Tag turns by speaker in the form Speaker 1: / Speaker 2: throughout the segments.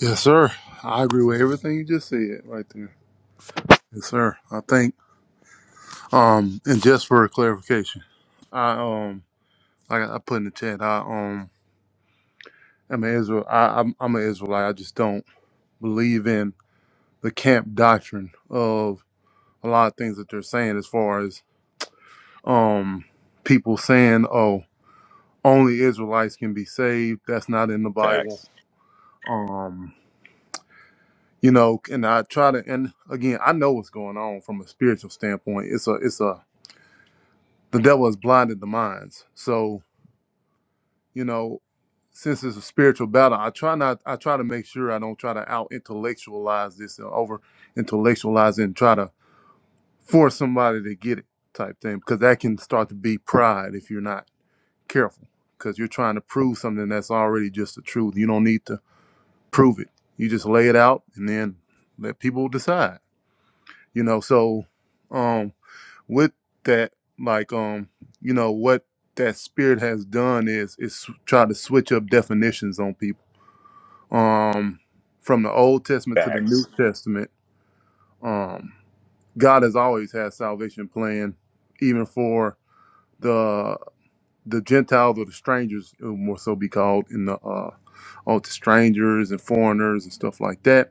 Speaker 1: Yes, sir. I agree with everything you just said right there. Yes, sir. I think um and just for clarification, I um like I put in the chat, I um am an Israel I I'm, I'm an Israelite. I just don't believe in the camp doctrine of a lot of things that they're saying as far as um people saying, Oh, only Israelites can be saved. That's not in the Bible. Um you know, and I try to, and again, I know what's going on from a spiritual standpoint. It's a, it's a, the devil has blinded the minds. So, you know, since it's a spiritual battle, I try not I try to make sure I don't try to out intellectualize this and over intellectualize it and try to force somebody to get it type thing because that can start to be pride if you're not careful because you're trying to prove something that's already just the truth. You don't need to prove it. You just lay it out and then let people decide. You know, so um, with that like um you know what that spirit has done is is try to switch up definitions on people um from the old testament to the new testament um god has always had salvation plan even for the the gentiles or the strangers it would more so be called in the uh all the strangers and foreigners and stuff like that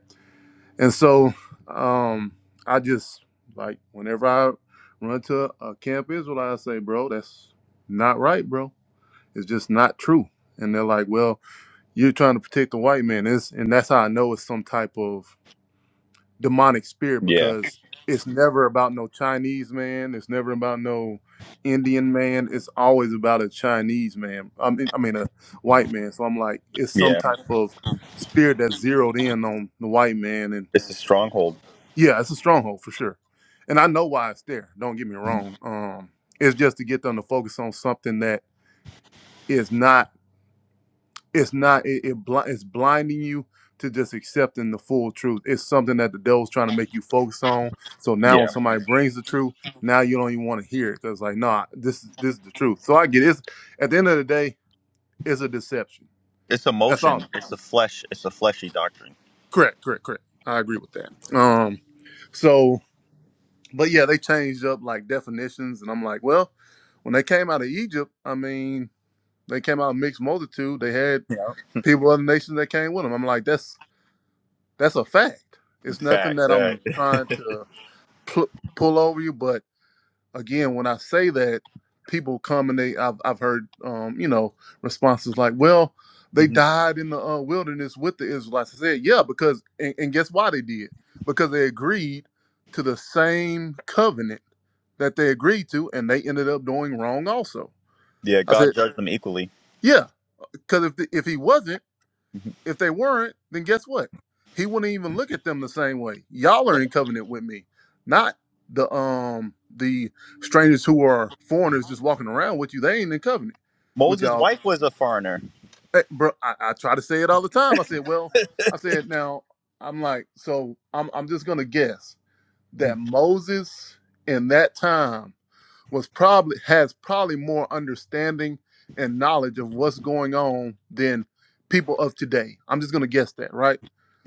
Speaker 1: And so um, I just like whenever I run to a camp Israelite, I say, bro, that's not right, bro. It's just not true. And they're like, well, you're trying to protect the white man. It's, and that's how I know it's some type of demonic spirit because it's never about no Chinese man. It's never about no Indian man. It's always about a Chinese man. I mean, I mean a white man. So I'm like, it's some type of spirit that's zeroed in on the white man and. Yeah, it's a stronghold for sure. And I know why it's there. Don't get me wrong. Um, it's just to get them to focus on something that is not. It's not. It, it bl- it's blinding you to just accepting the full truth. It's something that the devil's trying to make you focus on. So now when somebody brings the truth, now you don't even want to hear it because like, nah, this is this is the truth. So I get it. It's, at the end of the day, it's a deception. That's all it is. Correct. Correct. Correct. I agree with that. Um. So. but yeah, they changed up like definitions, and I'm like, well, when they came out of Egypt, I mean, they came out mixed multitude. They had people of other nations that came with them. I'm like, that's that's a fact. It's nothing that I'm trying to pl- pull over you, but again, when I say that, people come and they I've I've heard um, you know responses like, "Well, they died in the uh, wilderness with the Israelites." I said, "Yeah, because and, and guess why they did? Because they agreed to the same covenant that they agreed to, and they ended up doing wrong also." I said, "Yeah, because if the, if he wasn't." If they weren't, then guess what? He wouldn't even look at them the same way. Y'all are in covenant with me, not the um the strangers who are foreigners just walking around with you. They ain't in covenant with y'all. Hey, bro, I, I try to say it all the time. I said, well, I said now I'm like, so I'm I'm just gonna guess that Moses in that time was probably has probably more understanding and knowledge of what's going on than people of today. I'm just gonna guess that, right?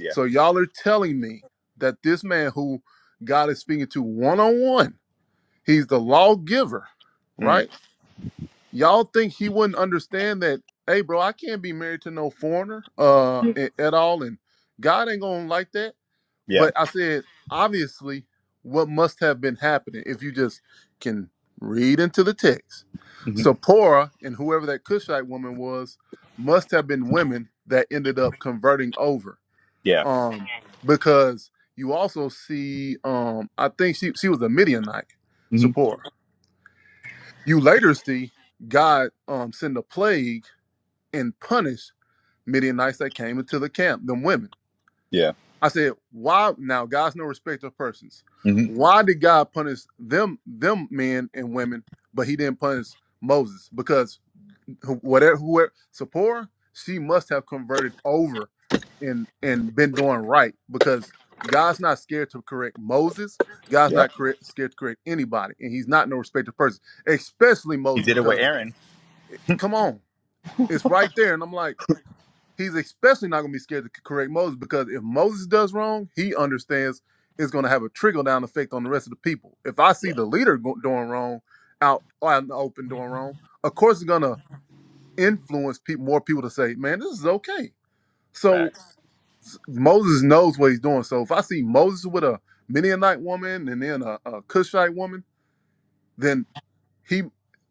Speaker 1: So y'all are telling me that this man who God is speaking to one on one, he's the lawgiver, right? Y'all think he wouldn't understand that, hey, bro, I can't be married to no foreigner uh, a- at all, and God ain't gonna like that. But I said, obviously, what must have been happening if you just can read into the text. So and whoever that Cushite woman was must have been women that ended up converting over um because you also see um i think she she was a midianite support you later see god um send a plague and punish midianites that came into the camp them women i said why now god's no respecter of persons why did god punish them them men and women but he didn't punish moses because who- whatever whoever Sapora, she must have converted over and and been doing right because God's not scared to correct Moses. God's not correct, scared to correct anybody, and He's not no respected person, especially Moses. Because eh, come on, it's right there, and I'm like, He's especially not gonna be scared to correct Moses because if Moses does wrong, He understands it's gonna have a trickle down effect on the rest of the people. If I see the leader go- doing wrong out out in the open doing wrong, of course it's gonna influence people, more people to say, man, this is okay. So Moses knows what he's doing. So if I see Moses with a Midianite woman and then a, a Cushite woman, then he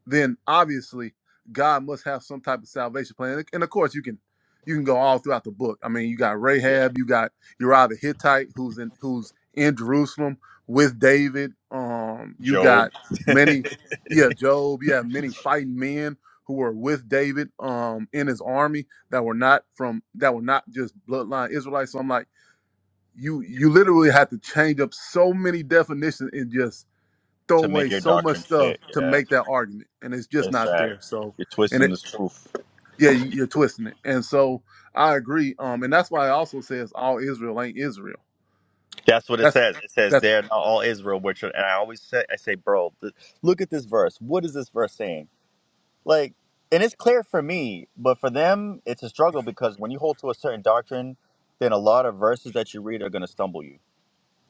Speaker 1: then obviously God must have some type of salvation plan. And of course, you can you can go all throughout the book. I mean, you got Rahab, you got Uriah the Hittite, who's in who's in Jerusalem with David. Um, you got many, yeah, Job. You have many fighting men who were with David um in his army that were not from that were not just bloodline Israelites. So I'm like, you you literally have to change up so many definitions in just throw away so much stuff to make that argument, and it's just not there. So, and it, yeah, you, you're twisting it. And so I agree. Um, and that's why I also says all Israel ain't Israel. That's that's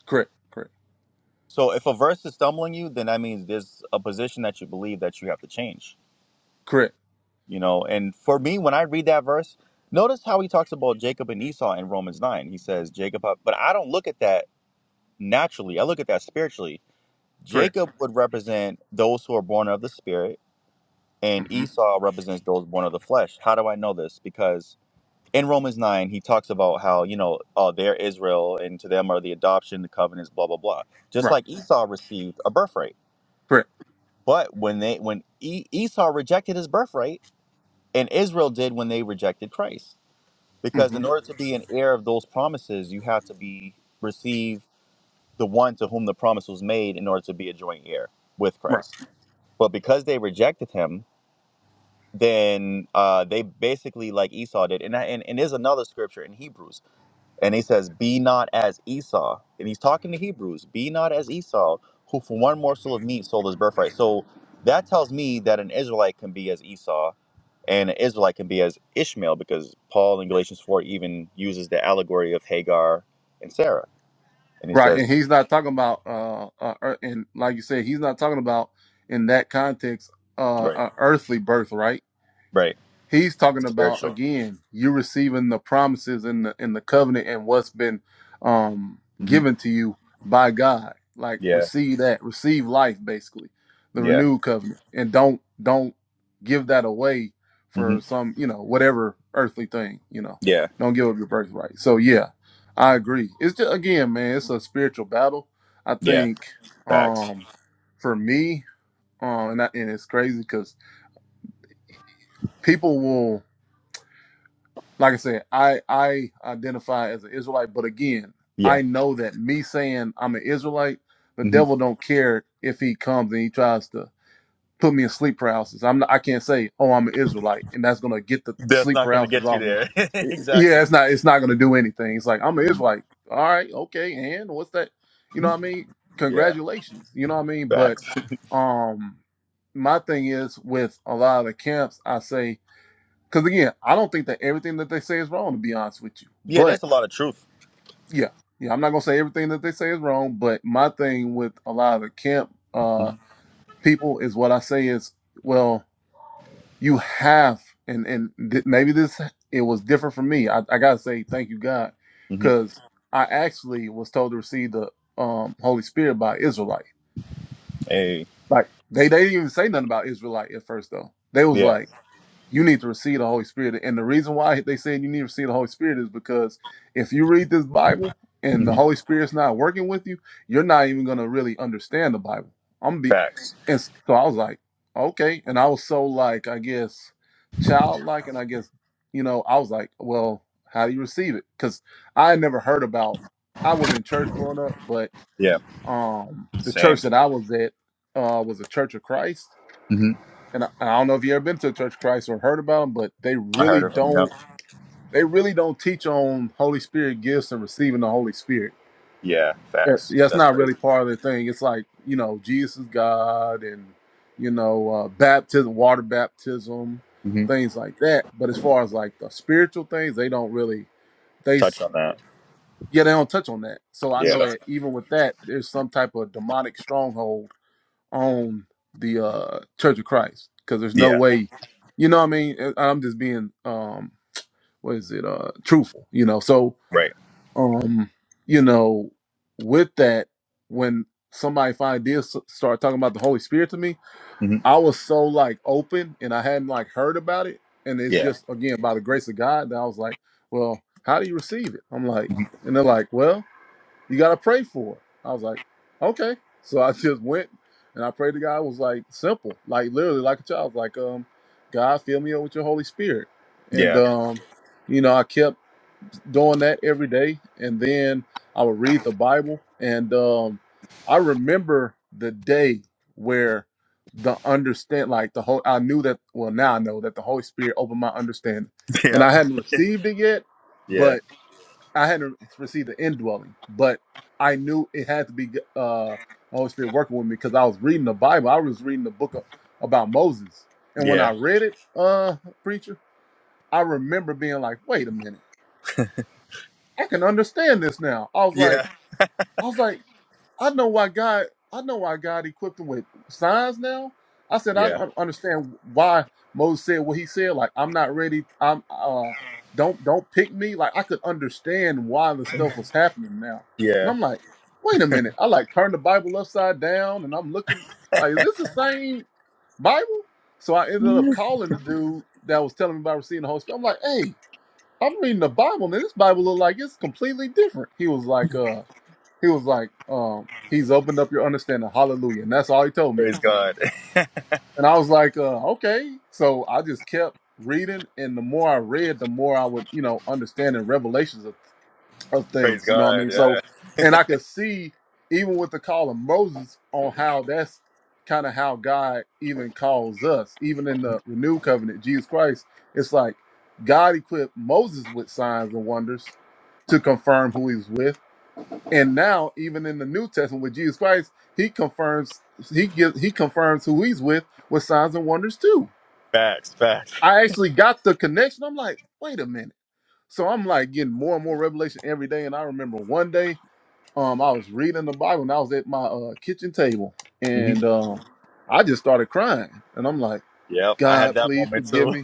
Speaker 1: correct, correct, correct, correct. hmm Right, correct. hmm Right, right. And he's not talking about uh, uh, ear- and like you said, he's not talking about in that context uh, a earthly birthright. He's talking about again, you receiving the promises in the in the covenant and what's been um given to you by God. Like receive that, receive life basically, the renewed covenant. And don't don't give that away for some, you know, whatever earthly thing, you know. Don't give up your birthright. So yeah, I agree. It's just again, man, it's a spiritual battle. I think um for me, um and, I, and it's crazy cuz people will like I said, I I identify as an Israelite, but again, I know that me saying I'm an Israelite, the devil don't care if he comes and he tries to put me in sleep paralysis. I'm not, I can't say, oh, I'm an Israelite, and that's gonna get the sleep paralysis off me. Y- Yeah, it's not it's not gonna do anything. It's like I'm an Israelite. All right, okay, and what's that? You know what I mean? Congratulations. You know what I mean? But um my thing is with a lot of the camps, I say because again, I don't think that everything that they say is wrong. To be honest with you, but yeah, yeah, I'm not gonna say everything that they say is wrong. But my thing with a lot of the camp uh, people is what I say is, well, you have, and and th- maybe this it was different for me. I, I gotta say thank you God, because I actually was told to receive the um, Holy Spirit by Israelite. Like they they didn't even say nothing about Israelite at first though. They was like. you need to receive the Holy Spirit. And the reason why they said you need to receive the Holy Spirit is because if you read this Bible and the Holy Spirit's not working with you, you're not even gonna really understand the Bible. I'm be and s- so I was like, okay. And I was so like, I guess childlike and I guess, you know, I was like, well, how do you receive it? Because I had never heard about I was in church growing up, but um the church that I was at uh was a church of Christ and I, I don't know if you ever been to a Church of Christ or heard about them, but they really don't. They really don't teach on Holy Spirit gifts and receiving the Holy Spirit. Yeah, yeah, it's not really part of the thing. It's like you know, Jesus is God, and you know, uh, baptism, water baptism, things like that. But as far as like the spiritual things, they don't really. They s- yeah, they don't touch on that. So I know that even with that, there's some type of demonic stronghold on the uh, Church of Christ because there's no way, you know what I mean? And I'm just being, um, what is it, uh, truthful, you know? So, um, you know, with that, when somebody finally did s- start talking about the Holy Spirit to me, I was so like open and I hadn't like heard about it. And it's just, again, by the grace of God that I was like, well, how do you receive it? I'm like, and they're like, well, you gotta pray for it. I was like, okay. So I just went and I prayed to God. It was like simple, like literally like a child, like um, God fill me up with your Holy Spirit. And um, you know, I kept doing that every day. And then I would read the Bible. And um, I remember the day where the understand like the whole I knew that well now I know that the Holy Spirit opened my understanding. And I hadn't received it yet, but. I hadn't received the indwelling, but I knew it had to be uh, the Holy Spirit working with me because I was reading the Bible. I was reading the book of, about Moses, and when I read it, uh, preacher, I remember being like, "Wait a minute, I can understand this now." I was like, "I was like." I know why God. I know why God equipped him with signs now. I said I don't understand why Moses said what he said. Like I'm not ready. I'm uh, don't don't pick me. Like I could understand why the stuff was happening now. And I'm like, wait a minute. I like turned the Bible upside down, and I'm looking like, is this the same Bible? So I ended up calling the dude that was telling me about receiving the Holy Spirit. I'm like, hey, I'm reading the Bible, and this Bible look like it's completely different. He was like, uh. He was like, um, he's opened up your understanding. Hallelujah. And that's all he told me at the time. And I was like, uh, okay. So I just kept reading. And the more I read, the more I would, you know, understand and revelations of, of things. You know what I mean? So, and I could see even with the call of Moses on how that's kind of how God even calls us, even in the renewed covenant, Jesus Christ, it's like God equipped Moses with signs and wonders to confirm who he's with and now, even in the New Testament with Jesus Christ, he confirms he gives he confirms who he's with with signs and wonders too. I actually got the connection. I'm like, wait a minute. So I'm like getting more and more revelation every day. And I remember one day, um, I was reading the Bible and I was at my uh, kitchen table, and um, I just started crying. And I'm like, God, please forgive me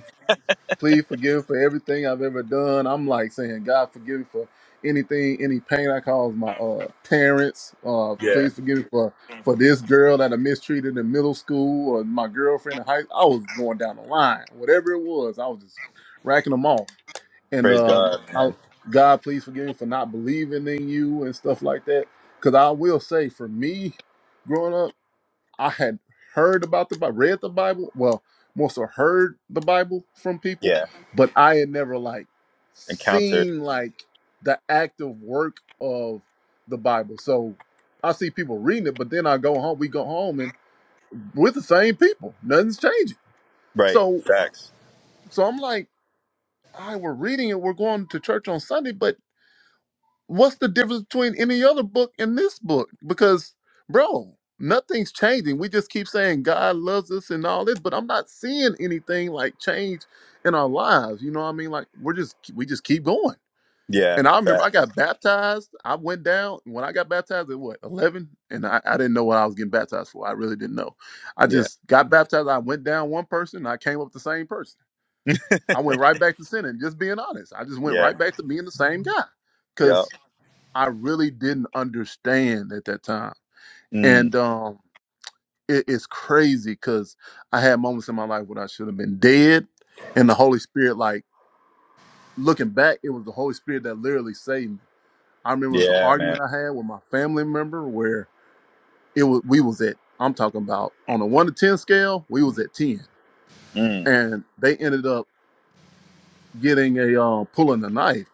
Speaker 1: Please forgive me for everything I've ever done. I'm like saying, God forgive me for anything, any pain I caused my uh parents. Uh please forgive me for for this girl that I mistreated in middle school or my girlfriend in high I was going down the line. Whatever it was, I was just racking them off. And um I God please forgive me for not believing in you and stuff like that. Cause I will say for me growing up I had heard about the Bible, read the Bible, well, more so heard the Bible from people, but I had never like seen like the active work of the Bible. So I see people reading it, but then I go home, we go home and we're the same people. Nothing's changing. So so I'm like, I we're reading it, we're going to church on Sunday, but what's the difference between any other book and this book? Because, bro, nothing's changing. We just keep saying God loves us and all this, but I'm not seeing anything like change in our lives. You know what I mean? Like we're just we just keep going. And I remember I got baptized. I went down when I got baptized at what eleven, and I, I didn't know what I was getting baptized for. I really didn't know. I just got baptized. I went down one person. and I came up the same person. I went right back to sinning. Just being honest, I just went right back to being the same guy. Cause I really didn't understand at that time. And um, it, it's crazy because I had moments in my life when I should have been dead. And the Holy Spirit, like looking back, it was the Holy Spirit that literally saved me. I remember it was an argument I had with my family member where it was we was at, I'm talking about on a one to ten scale, we was at ten. And they ended up getting a uh, pulling a knife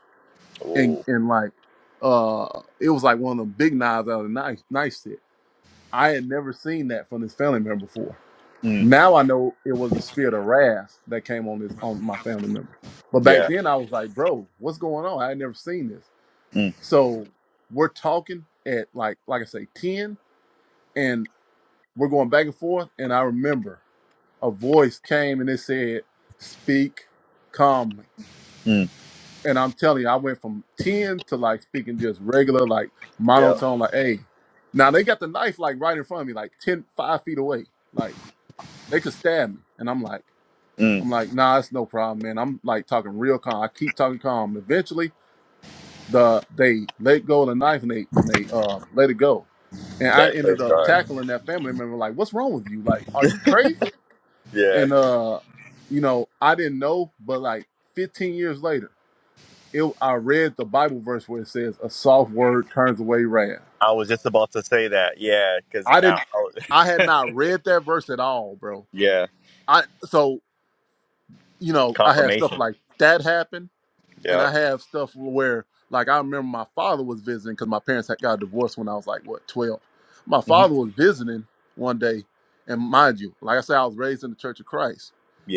Speaker 1: and and like uh it was like one of the big knives out of the knife knife set I had never seen that from this family member before. Now I know it was a spirit of wrath that came on this on my family member. But back then I was like, bro, what's going on? I had never seen this. So we're talking at like like I say, 10 and we're going back and forth. And I remember a voice came and it said, speak calmly. And I'm telling you, I went from 10 to like speaking just regular, like monotone, like, hey. Now they got the knife like right in front of me, like ten five feet away. Like They could stab me, and I'm like, I'm like, nah, it's no problem, man. I'm like talking real calm. I keep talking calm. Eventually, the they let go of the knife and they and they um, let it go, and I ended up tackling that family member like, what's wrong with you? Like, are you crazy? And uh, you know, I didn't know, but like 15 years later, it I read the Bible verse where it says, "A soft word turns away wrath." I didn't, I had not read that verse at all, bro. I so you know I had stuff like that happen and I have stuff where like I remember my father was visiting because my parents had got divorced when I was like what twelve. My father was visiting one day, and mind you, like I said, I was raised in the Church of Christ.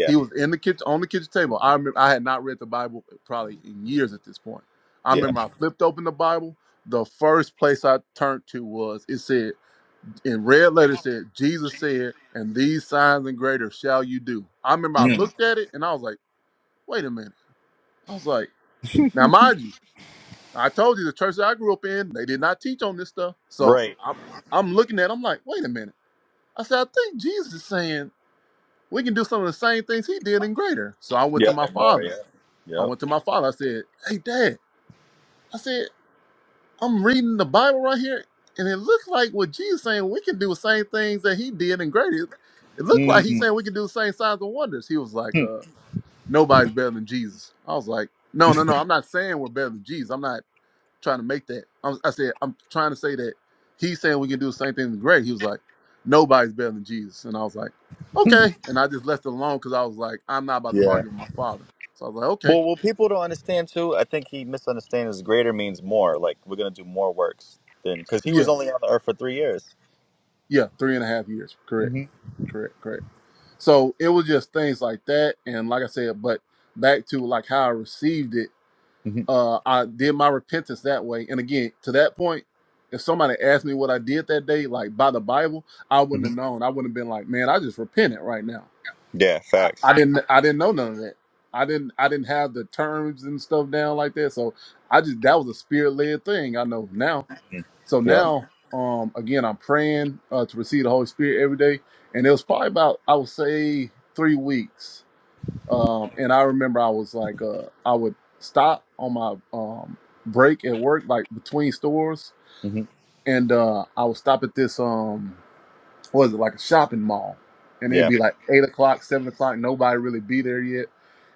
Speaker 1: He was in the kitchen on the kitchen table. I remember I had not read the Bible probably in years at this point. I remember I flipped open the Bible. The first place I turned to was it said in red letters said Jesus said, and these signs and greater shall you do. I remember I looked at it and I was like, wait a minute. I was like, now mind you. I told you the church that I grew up in, they did not teach on this stuff. So I'm, I'm looking at, it, I'm like, wait a minute. I said, I think Jesus is saying we can do some of the same things he did and greater. So I went to my father. I went to my father. I said, hey, dad, I said, I'm reading the Bible right here. And it looks like what Jesus is saying, we can do the same things that he did and greater. It looked like he's saying we can do the same signs and wonders. He was like, uh, nobody's better than Jesus. I was like, no, no, no. I'm not saying we're better than Jesus. I'm not. trying to make that. I, was, I said, I'm trying to say that he's saying we can do the same thing with Greg. He was like, nobody's better than Jesus. And I was like, okay. And I just left it alone because I was like, I'm not about to argue with my father. So I was like, okay. Yeah. Yeah. Three and a half years. Correct. Correct. Correct. So it was just things like that. And like I said, but back to like how I received it, uh, I did my repentance that way. And again, to that point, if somebody asked me what I did that day, like by the Bible, I wouldn't have known. I wouldn't have been like, man, I just repented right now. I, I didn't I didn't know none of that. I didn't I didn't have the terms and stuff down like that. So I just that was a spirit led thing. I know now. So now, um, again, I'm praying uh, to receive the Holy Spirit every day, and it was probably about I would say three weeks. Um, and I remember I was like, uh, I would stop on my um break at work, like between stores, and uh, I would stop at this um what was it like a shopping mall, and it'd be like eight o'clock, seven o'clock, nobody really be there yet,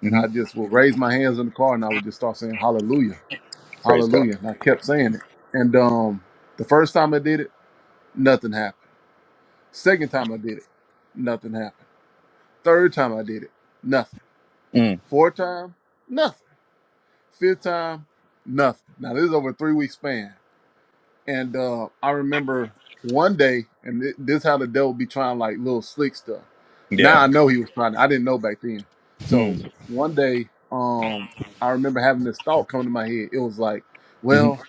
Speaker 1: and I just would raise my hands in the car and I would just start saying Hallelujah, Hallelujah, and I kept saying it. And um, the first time I did it, nothing happened. Second time I did it, nothing happened. Third time I did it, nothing. Fourth time, nothing. Fifth time, nothing. Now this is over a three week span. And uh, I remember one day, and thi- this how the devil be trying like little slick stuff. Now I know he was trying. I didn't know back then. So one day, um, I remember having this thought come to my head. It was like, well,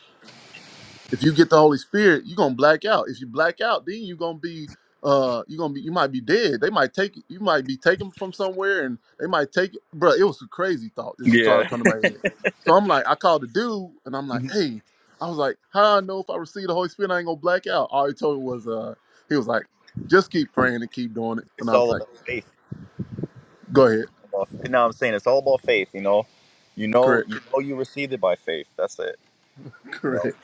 Speaker 1: if you get the Holy Spirit, you're gonna black out. If you black out, then you're gonna be uh you're gonna be you might be dead. They might take you might be taken from somewhere and they might take it. Bro, it was a crazy thought this thought come to my head. So I'm like, I called the dude and I'm like, hey, I was like, how I know if I receive the Holy Spirit I ain't gonna black out? All he told me was uh he was like, just keep praying and keep doing it. And I was like, go ahead. Correct, correct,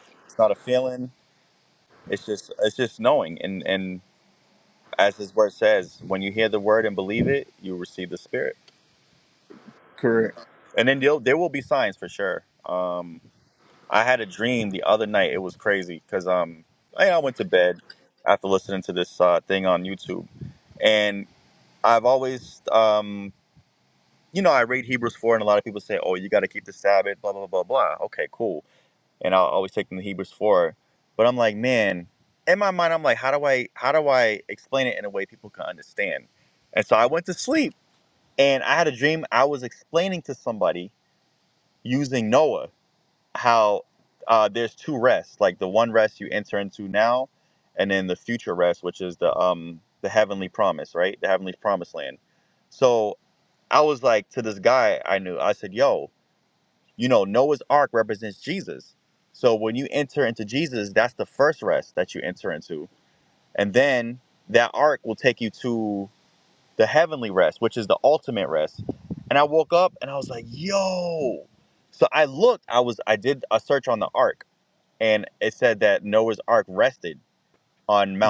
Speaker 1: correct.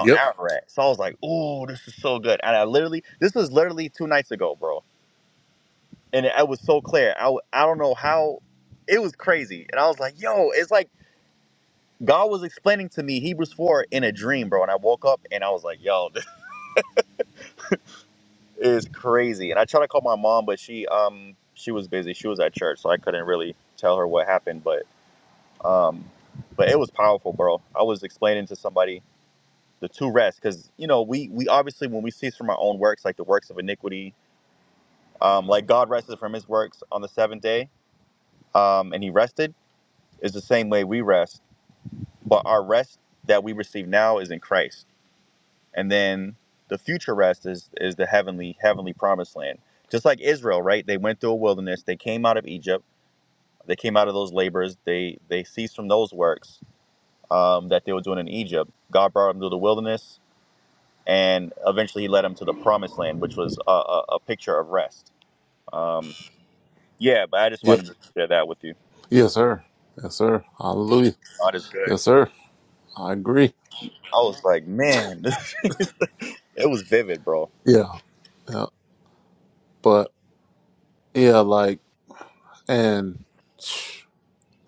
Speaker 1: Yep. Yep. Yes, sir. Yes, sir. Hallelujah. Yes, sir. I agree. Yeah. Yeah. but. Yeah, like, and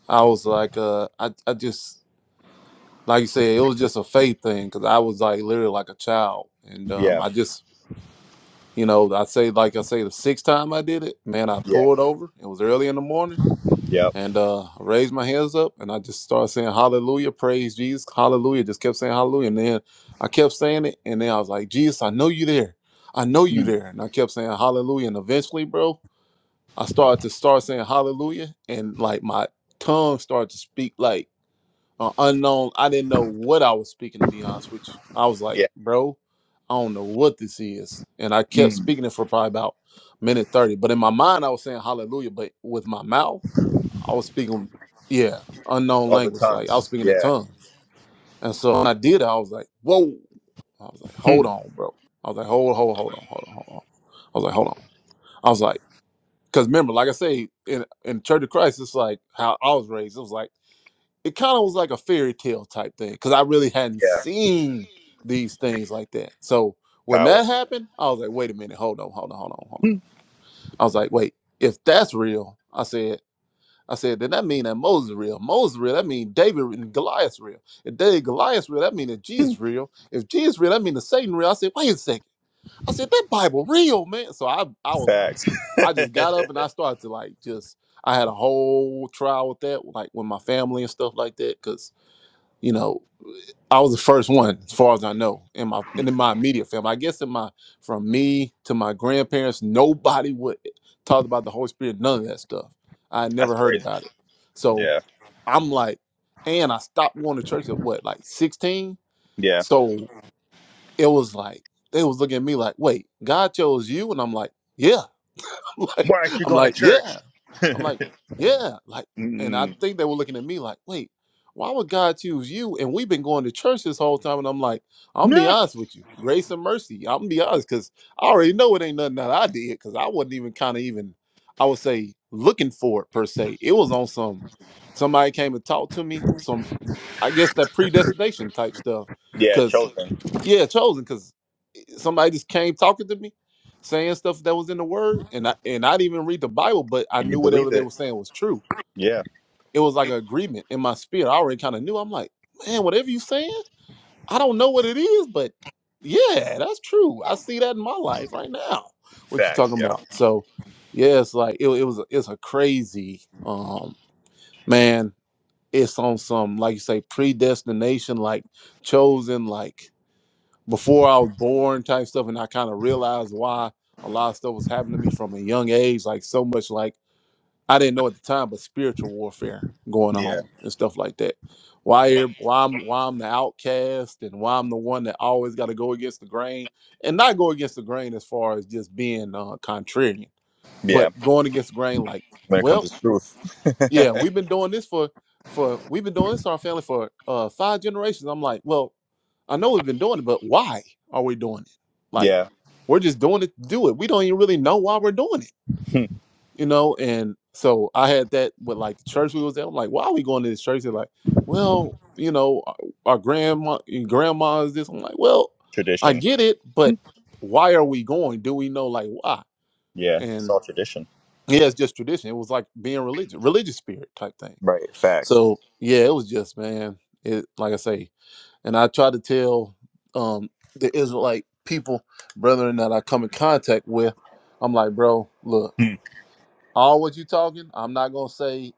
Speaker 1: I was like, uh, I, I just, like you said, it was just a faith thing because I was like literally like a child. And um, I just, you know, I say, like I say, the sixth time I did it, man, I pulled over. It was early in the morning and uh, I raised my hands up and I just started saying, Hallelujah, praise Jesus, Hallelujah. Just kept saying, Hallelujah. And then I kept saying it. And then I was like, Jesus, I know you there. I know you there. And I kept saying, Hallelujah. And eventually, bro, I started to start saying hallelujah and like my tongue started to speak like an unknown. I didn't know what I was speaking to be honest with you. I was like, bro, I don't know what this is. And I kept speaking it for probably about minute 30. But in my mind I was saying hallelujah, but with my mouth, I was speaking yeah, unknown language. Like I was speaking in tongues. And so when I did that, I was like, whoa. I was like, hold on, bro. I was like, hold, hold, hold on, hold on, hold on. I was like, hold on. I was like, because remember, like I say, in in Church of Christ, it's like how I was raised. It was like it kind of was like a fairy tale type thing because I really hadn't seen these things like that. So when that happened, I was like, wait a minute, hold on, hold on, hold on, hold on. I was like, wait, if that's real, I said. I said, then that mean that Moses is real. Moses is real. That mean David and Goliath's real. If David Goliath's real, that mean that Jesus is real. If Jesus is real, that mean that Satan real. I said, wait a second. I said, that Bible real, man. So I I was like, I just got up and I started to like just I had a whole trial with that, like with my family and stuff like that, because you know I was the first one, as far as I know, in my and in my immediate family. I guess in my from me to my grandparents, nobody would talk about the Holy Spirit, none of that stuff. I had never heard about it. So I'm like, and I stopped going to church at what, like 16? So it was like they was looking at me like, wait, God chose you, and I'm like, yeah, I'm like I'm like, yeah, I'm like, yeah, like, and I think they were looking at me like, wait, why would God choose you? And we've been going to church this whole time, and I'm like, I'm gonna be honest with you, grace and mercy. I'm gonna be honest because I already know it ain't nothing that I did because I wasn't even kind of even, I would say, looking for it per se. It was on some somebody came and talked to me, some I guess that predestination type stuff, because yeah, chosen because somebody just came talking to me saying stuff that was in the word and I and I didn't even read the Bible, but I knew whatever they were saying was true. It was like an agreement in my spirit. I already kind of knew. I'm like, man, whatever you saying, I don't know what it is, but yeah, that's true. I see that in my life right now. What you talking about? So yeah, it's like it, it was a- it's a crazy um man, it's on some like you say predestination, like chosen, like before I was born type stuff, and I kind of realized why a lot of stuff was happening to me from a young age, like so much like I didn't know at the time, but spiritual warfare going on and stuff like that. Why here- why I'm why I'm the outcast and why I'm the one that always got to go against the grain and not go against the grain as far as just being uh, contrarian, but going against the grain like, well, w- yeah, we've been doing this for for we've been doing this to our family for uh, five generations. I'm like, well, I know we've been doing it, but why are we doing it? Like, we're just doing it to do it. We don't even really know why we're doing it, you know? And so I had that with like the church we was at. I'm like, why are we going to this church? They're like, well, you know, our our grandma grandma is this. I'm like, well, I get it, but why are we going? Do we know like why? And yeah, it's just tradition. It was like being religious, religious spirit type thing. So yeah, it was just man. It like I say, and I try to tell um, the Israelite people, brethren that I come in contact with, I'm like, bro, look, all what you talking, I'm not gonna say,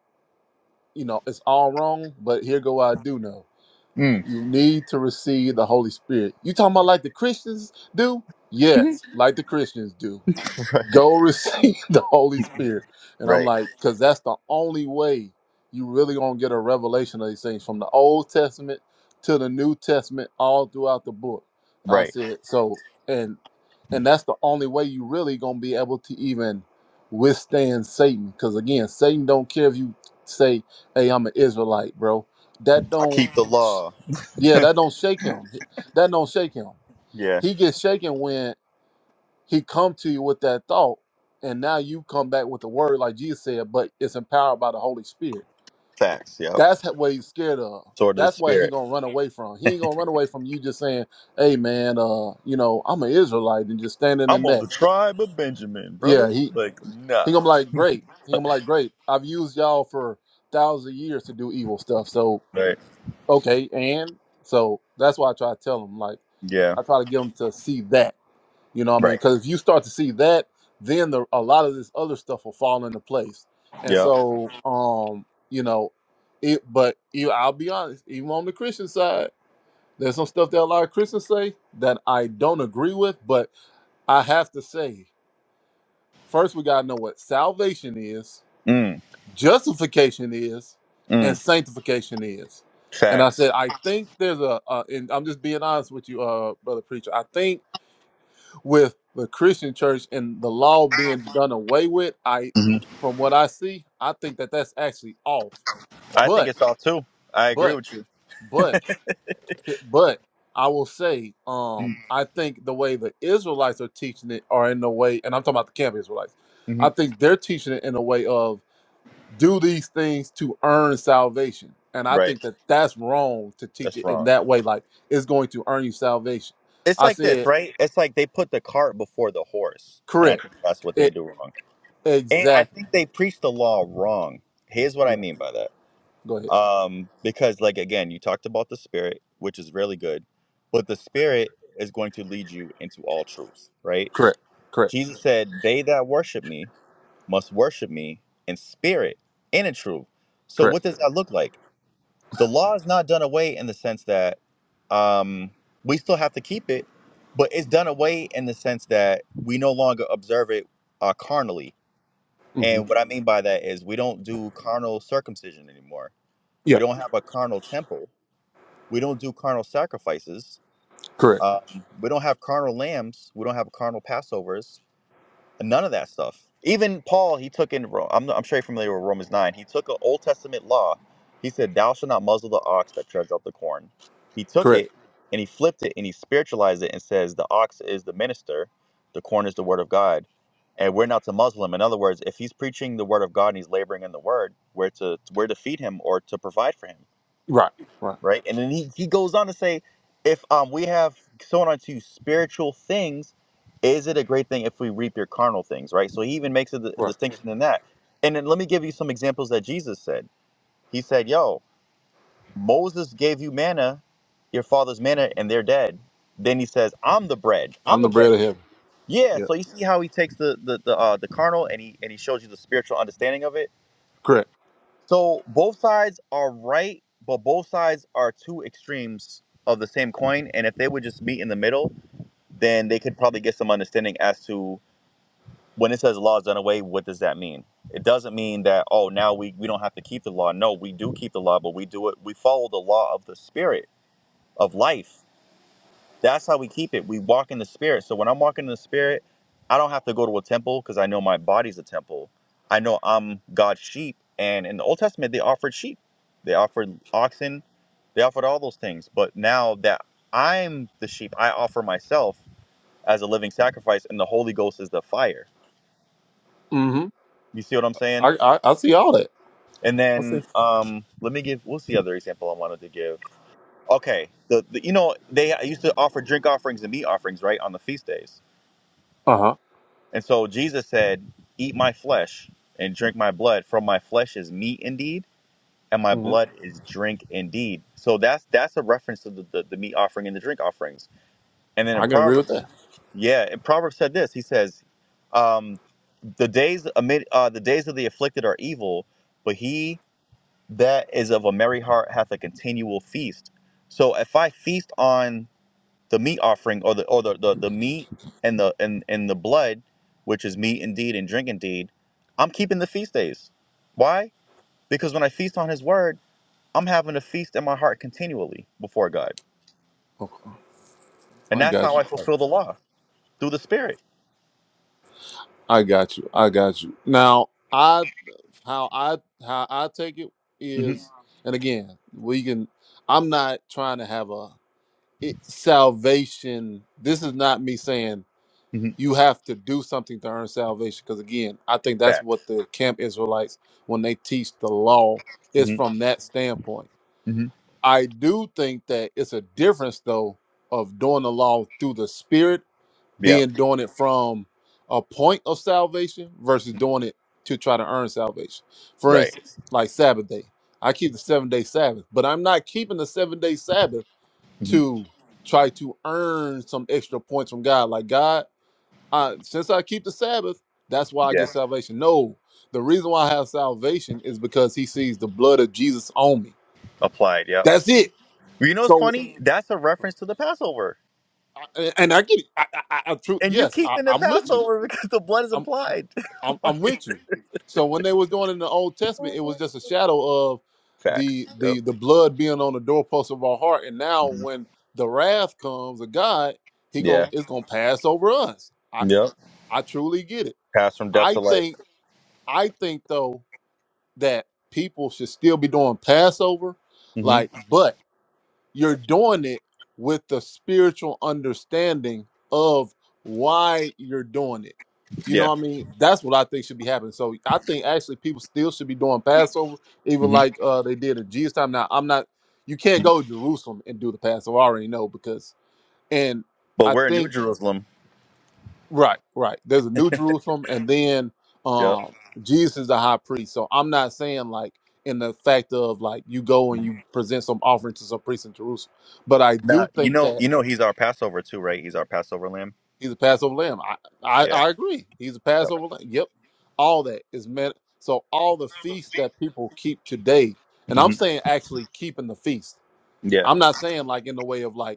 Speaker 1: you know, it's all wrong, but here go what I do know. You need to receive the Holy Spirit. You talking about like the Christians do? Yes, like the Christians do go receive the Holy Spirit. And I'm like, because that's the only way you really gonna get a revelation of these things from the Old Testament to the New Testament, all throughout the book. I said, so and and that's the only way you really gonna be able to even withstand Satan. Because again, Satan don't care if you say, Hey, I'm an Israelite, bro. That don't yeah, that don't shake him. That don't shake him. He gets shaken when he come to you with that thought and now you come back with the word like jesus said but it's empowered by the holy spirit that's h- what he's scared of that's what he gonna run away from he ain't gonna run away from you just saying hey man uh you know i'm an israelite and just standing in that yeah he he gonna be like great he gonna be like great i've used y'all for thousands of years to do evil stuff so okay and so that's why i try to tell him like i try to get him to see that You know what I mean? Because if you start to see that, then the, a lot of this other stuff will fall into place. And so, um, you know, it. But you, I'll be honest, even on the Christian side, there's some stuff that a lot of Christians say that I don't agree with. But I have to say, first we gotta know what salvation is, justification is, and sanctification is. And I said, I think there's a, uh, and I'm just being honest with you, uh, brother preacher. I think with the Christian church and the law being done away with, I, from what I see, I think that that's actually off. But, but, but, eh, but, I will say, um, I think the way the Israelites are teaching it are in the way, and I'm talking about the camp Israelites. I think they're teaching it in a way of do these things to earn salvation, and I think that that's wrong to teach it in that way. Like it's going to earn you salvation. I said correct. It exactly. Yeah. Go ahead. Correct. Correct. Correct. Mm-hmm. Yeah. Correct. Correct. Right. Right. Right. I'm the bread of heaven. Yeah. Correct. Mm-hmm. I, I I see all that. I see. Uh huh. Mm-hmm. I can agree with that. Okay. I got you. I got you. I got you. Now I how I how I take it is, and again we can. I'm not trying to have a it, salvation. This is not me saying you have to do something to earn salvation. Because again, I think that's what the camp Israelites, when they teach the law, is from that standpoint. I do think that it's a difference though of doing the law through the Spirit, being doing it from a point of salvation versus doing it to try to earn salvation. For instance, like Sabbath day, I keep the seven day Sabbath, but I'm not keeping the seven day Sabbath to try to earn some extra points from God. Like God. I, since I keep the Sabbath, that's why I get salvation. No, the reason why I have salvation is because he sees the blood of Jesus on me. That's it. So, I- and I get it. I, I, I, I true. Yes, I, I'm with you. I'm, I'm, I'm with you. So when they was doing it in the Old Testament, it was just a shadow of the the the blood being on the doorpost of our heart. And now when the wrath comes of God, he going it's gonna pass over us. I, I truly get it. I think I think though that people should still be doing Passover, like, but you're doing it with the spiritual understanding of why you're doing it. You know what I mean? That's what I think should be happening. So I think actually people still should be doing Passover, even like uh they did at Jesus time. Now I'm not you can't go to Jerusalem and do the Passover. I already know because and I think Right, right. There's a new Jerusalem, and then um Jesus is the high priest. So I'm not saying like in the fact of like you go and you present some offering to some priest in Jerusalem, but I do think that he's a Passover lamb. I I, I agree. He's a Passover lamb. Yep, all that is meant. So all the feasts that people keep today, and I'm saying actually keeping the feast. I'm not saying like in the way of like.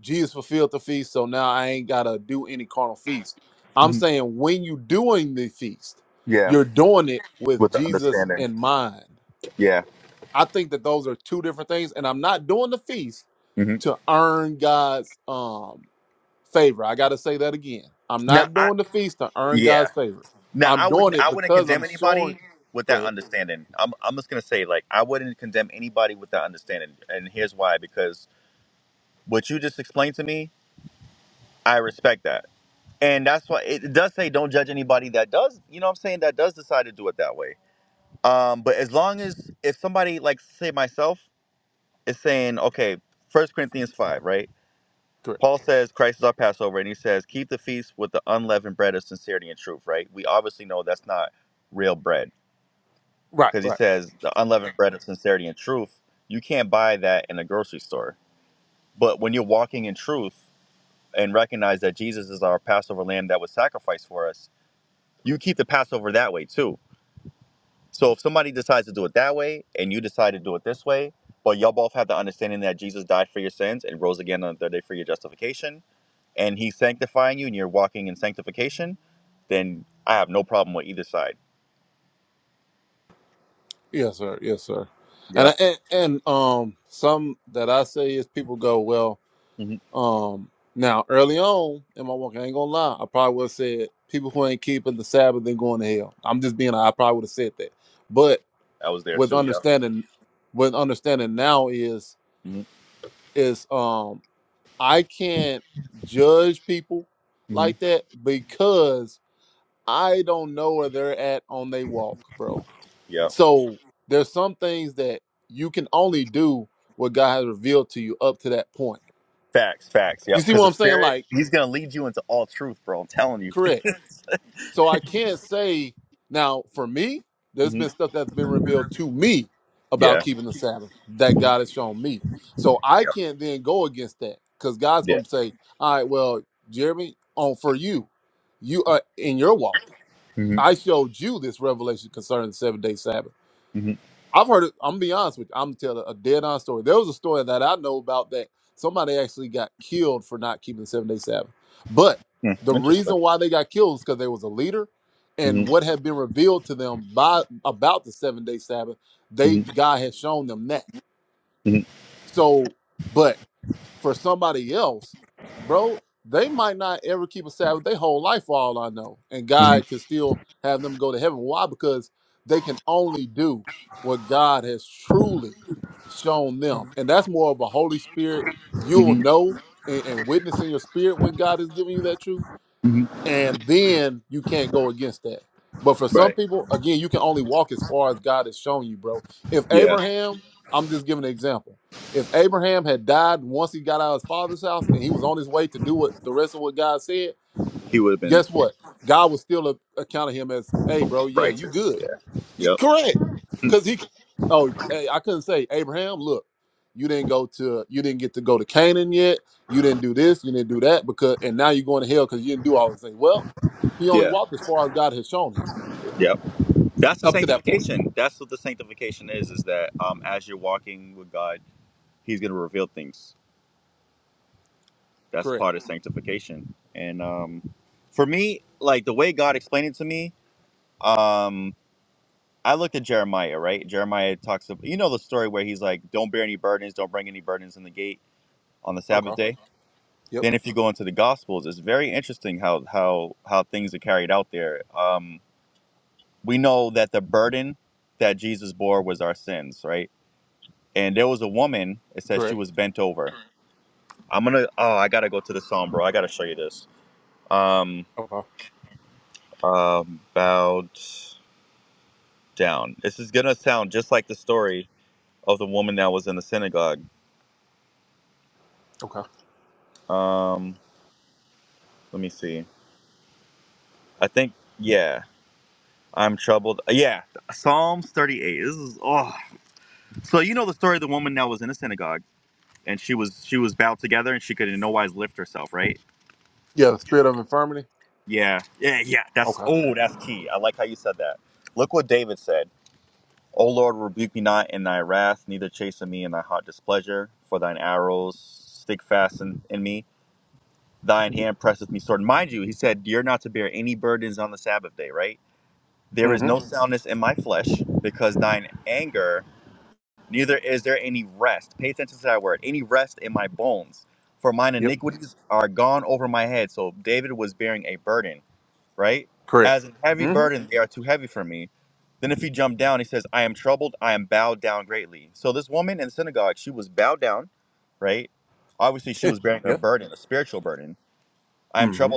Speaker 1: Jesus fulfilled the feast, so now I ain't gotta do any carnal feast. I'm saying when you doing the feast, you're doing it with Jesus in mind. I think that those are two different things, and I'm not doing the feast to earn God's um favor. I gotta say that again. I'm not doing the feast to earn God's favor. I'm doing it because I'm showing. Go ahead. Correct. Right. Right. Yes, sir. Yes, sir. And I- and and um, some that I say is people go well Um, now early on in my walk, I ain't gonna lie, I probably would have said people who ain't keeping the Sabbath they going to hell. I'm just being, I probably would have said that. But with understanding, with understanding now is is um I can't judge people like that because I don't know where they're at on they walk, bro. So there's some things that you can only do what God has revealed to you up to that point. You see what I'm saying? Like, correct. So I can't say now for me, there's been stuff that's been revealed to me about keeping the Sabbath that God has shown me. So I can't then go against that because God's going to say, all right, well, Jeremy, on for you, you are in your walk. I showed you this revelation concerning the seven day Sabbath. I've heard it. I'm gonna be honest with you. I'm gonna tell a dead on story. There was a story that I know about that somebody actually got killed for not keeping the seven day Sabbath. But the reason why they got killed is because there was a leader, and what had been revealed to them by about the seven day Sabbath, they God had shown them that. So, but for somebody else, bro, they might not ever keep a Sabbath their whole life for all I know. And God can still have them go to heaven. Why? Because they can only do what God has truly shown them. And that's more of a Holy Spirit. You'll know and, and witness in your spirit when God is giving you that truth and then you can't go against that. But for some people, again, you can only walk as far as God has shown you, bro. If Abraham, I'm just giving an example. If Abraham had died once he got out of his father's house and he was on his way to do what the rest of what God said, guess what? God would still a- account him as, hey, bro, yeah, you good. You, correct. Because he, oh, hey, I couldn't say Abraham. Look, you didn't go to, you didn't get to go to Canaan yet. You didn't do this. You didn't do that because, and now you're going to hell because you didn't do all those things. Well, he only walked as far as God has shown him up to that point. Correct. Okay. Yep. Correct. Okay. Okay. Yeah. The spirit of infirmity. Okay. Mm-hmm. Yep. Correct. Mm-hmm. Yep. Mm-hmm.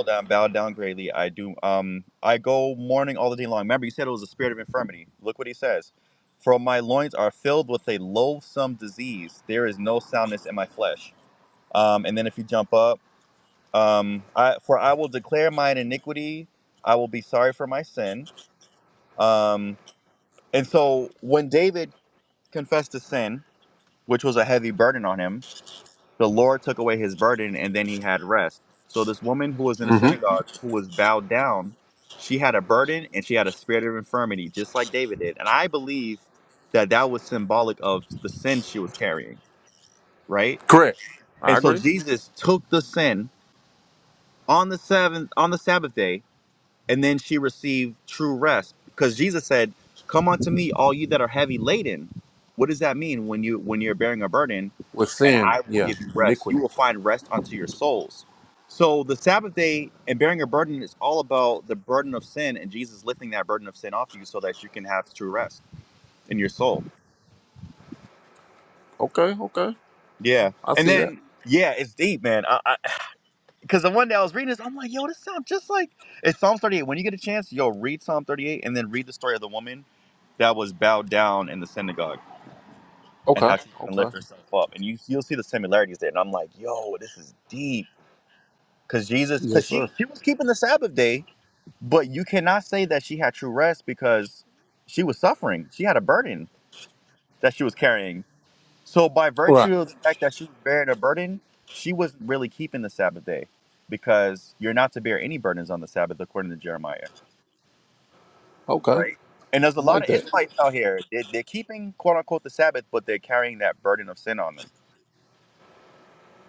Speaker 1: Mm-hmm. Correct. I agree with sin. Yeah. Iniquity. Okay. Okay. I see that. Okay. Okay. Yes, sir. Right. Okay. I like that.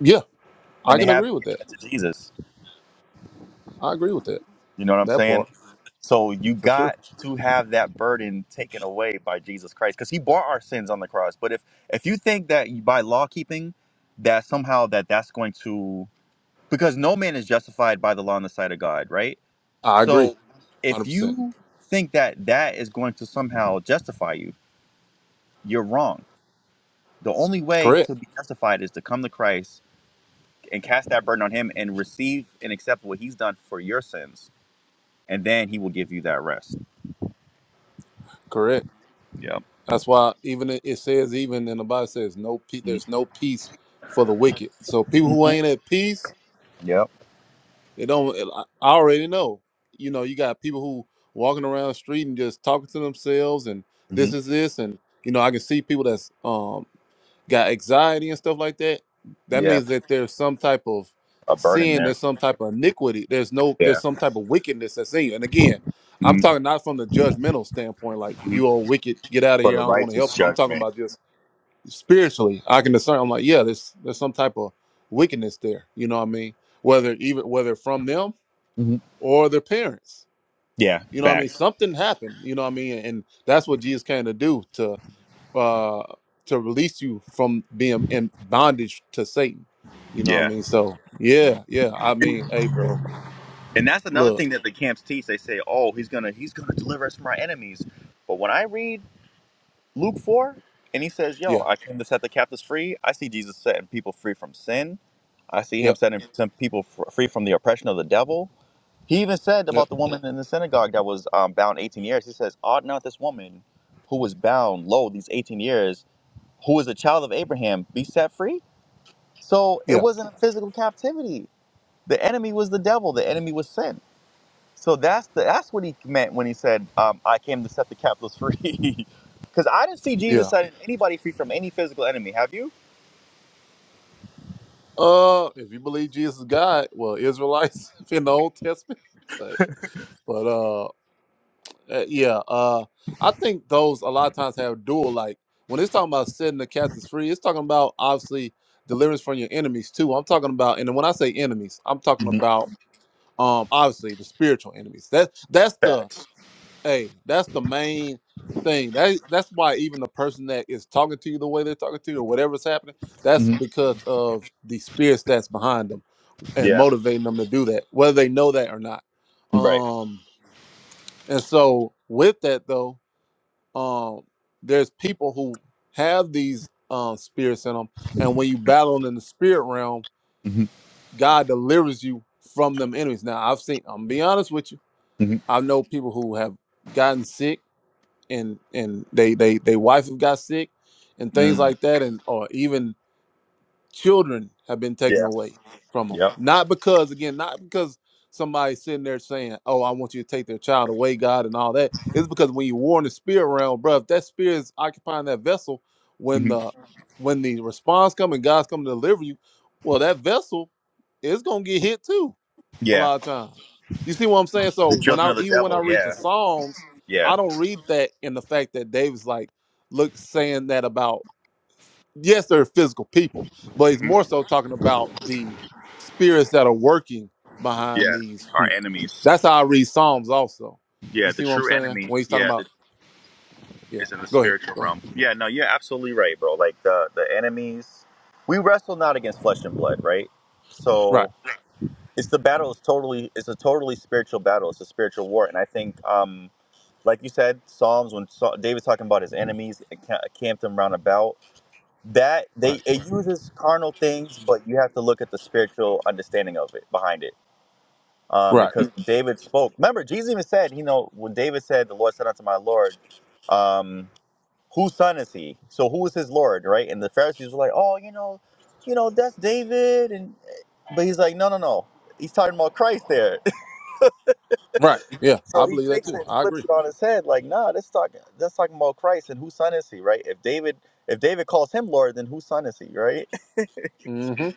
Speaker 1: Yeah, I can agree with that. I agree with that. That part for sure. I agree, hundred percent. Correct. Correct. That's why even it it says even in the Bible says no peace. There's no peace for the wicked. So people who ain't at peace, they don't. I I already know. You know, you got people who walking around the street and just talking to themselves, and this is this, and you know, I can see people that's um got anxiety and stuff like that, that means that there's some type of sin, there's some type of iniquity, there's no, there's some type of wickedness that's in you. And again, I'm talking not from the judgmental standpoint, like you all wicked, get out of here, I don't want to help. I'm talking about just spiritually. I can discern. I'm like, yeah, there's there's some type of wickedness there. You know what I mean? Whether even whether from them or their parents. You know what I mean? Something happened. You know what I mean? And that's what Jesus came to do uh to release you from being in bondage to Satan. You know what I mean? So yeah, yeah. I mean, hey bro, look, yeah, yep, yep, yeah, yeah. Uh if you believe Jesus is God, well Israelites in the old testament. But but uh eh, yeah, uh I think those a lot of times have dual like when it's talking about setting the captives free, it's talking about obviously deliverance from your enemies too. I'm talking about and when I say enemies, I'm talking about um obviously the spiritual enemies that that's the hey that's the main thing that that's why even the person that is talking to you the way they're talking to you or whatever's happening that's because of the spirits that's behind them and motivating them to do that whether they know that or not um and so with that though um there's people who have these um spirits in them and when you battle in the spirit realm god delivers you from them enemies now i've seen i'm gonna be honest with you I know people who have gotten sick and and they they they wife have got sick and things like that and or even children have been taken away from them. Not because again, not because somebody's sitting there saying, "Oh, I want you to take their child away, God," and all that. It's because when you war in the spirit realm, bro, if that spirit is occupying that vessel, when the when the response come and God's coming to deliver you, well, that vessel is gonna get hit too a lot of times. You see what I'm saying? So when I even when I read the Psalms, I don't read that in the fact that David's like look saying that about yes, they're physical people, but he's more so talking about the spirits that are working behind these people. That's how I read Psalms also. You see what I'm saying? When he's talking about yeah, go ahead. Go ahead. Right, right, right, right. Yeah, I believe that too. I agree. Mm-hmm.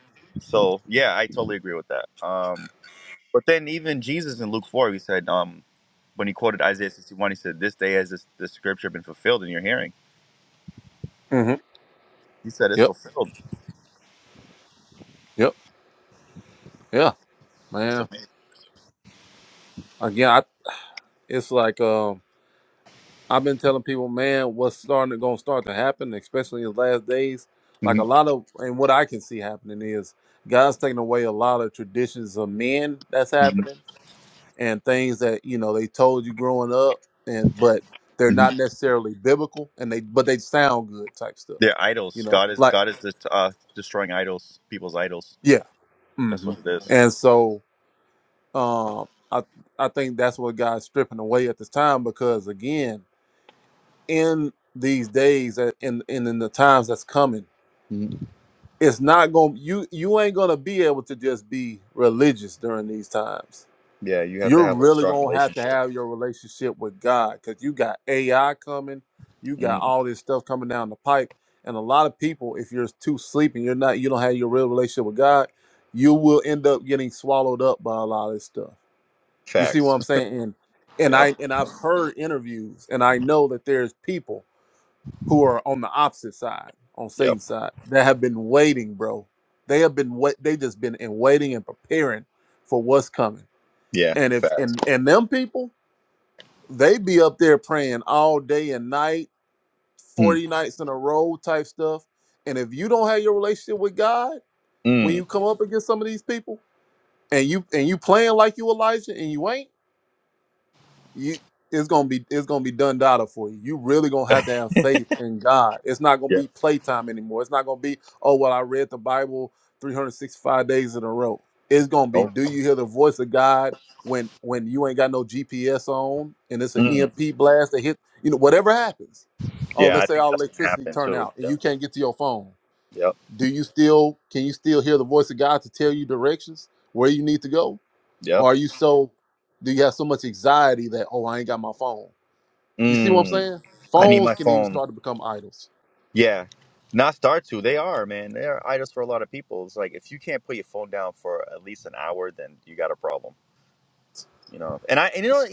Speaker 1: Mm-hmm. Yep. Yep. Yeah. Man. Again, I it's like um I've been telling people, man, what's starting to gonna start to happen, especially in his last days. Like a lot of, and what I can see happening is God's taking away a lot of traditions of men that's happening, and things that you know they told you growing up, and but they're not necessarily biblical, and they but they sound good type stuff, you know. Like yeah, hmm and so um, I I think that's what God's stripping away at this time because again, in these days and in, and in the times that's coming it's not going to you you ain't going to be able to just be religious during these times you're really going to have to have your relationship with god because you got ai coming you got all this stuff coming down the pipe and a lot of people if you're too sleepy you're not you don't have your real relationship with god you will end up getting swallowed up by a lot of this stuff you see what i'm saying and and i and i've heard interviews and i know that there's people who are on the opposite side, on Satan's side, that have been waiting, bro. They have been wait. They just been in waiting and preparing for what's coming. And if and and them people, they be up there praying all day and night, forty nights in a row type stuff. And if you don't have your relationship with God, when you come up against some of these people, and you and you playing like you Elijah, and you ain't you it's gonna be it's gonna be done data for you. You really gonna have to have faith in God. It's not gonna be playtime anymore. It's not gonna be oh well I read the Bible 365 days in a row. It's gonna be do you hear the voice of God when when you ain't got no GPS on and it's an EMP blast that hit you know whatever happens. Oh let's say all electricity turn out and you can't get to your phone. Do you still can you still hear the voice of God to tell you directions where you need to go? Or are you so do you have so much anxiety that oh I ain't got my phone? You see what I'm saying? Phones can even start to become idols. So it's-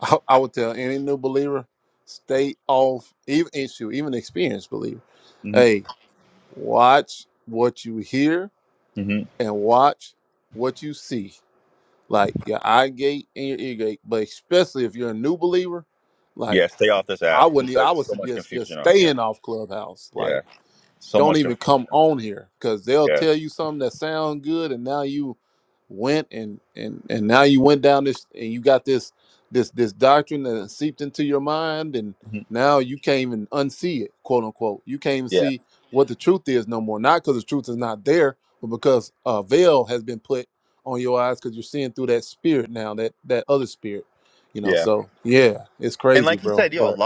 Speaker 1: I, I would tell any new believer, stay off even issue, even experienced believer. Hey, watch what you hear and watch what you see. Like your eye gate and your ear gate. But especially if you're a new believer, like I wouldn't e- I would suggest just staying off clubhouse. Like don't even come on here because they'll tell you something that sound good and now you went and and and now you went down this and you got this this this doctrine that seeped into your mind and now you can't even unsee it quote unquote you can't even see what the truth is no more not because the truth is not there but because a veil has been put on your eyes because you're seeing through that spirit now that that other spirit you know so yeah it's crazy bro but.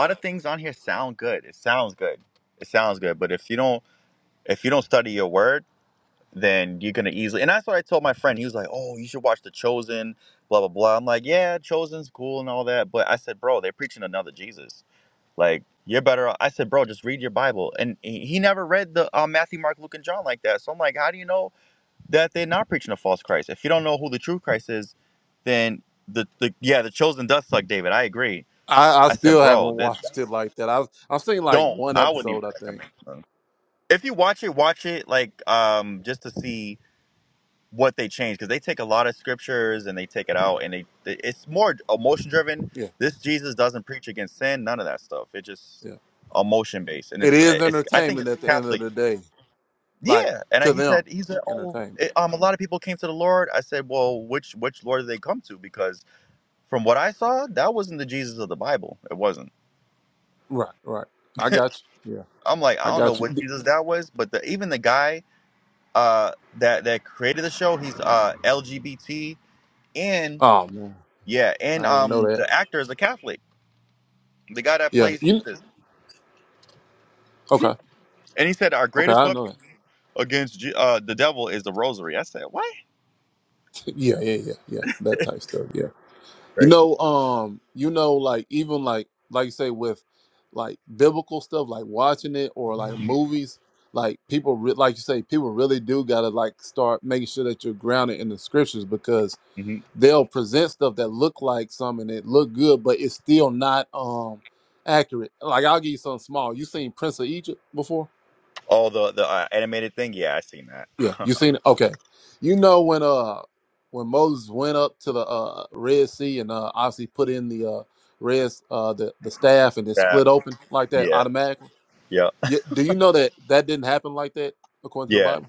Speaker 1: I, I still haven't watched it like that. I've I've seen like one episode, I think. Yeah, yeah. It is entertainment at the end of the day, like to them, entertainment. Right, right. I got you. Yeah, I got you. D- Oh man, I didn't even know that. Yeah, you okay? Okay, I know that. Yeah, yeah, yeah, yeah. That type stuff. yeah. You know, um, you know, like even like like you say with like biblical stuff, like watching it or like movies, like people re- like you say, people really do gotta like start making sure that you're grounded in the scriptures because they'll present stuff that look like something that look good, but it's still not um accurate. Like I'll give you something small. You seen Prince of Egypt before? Yeah, you seen it? Okay. You know when uh when Moses went up to the uh Red Sea and uh obviously put in the uh red uh the, the staff and it split open like that automatically. Yeah, do you know that that didn't happen like that according to the Bible?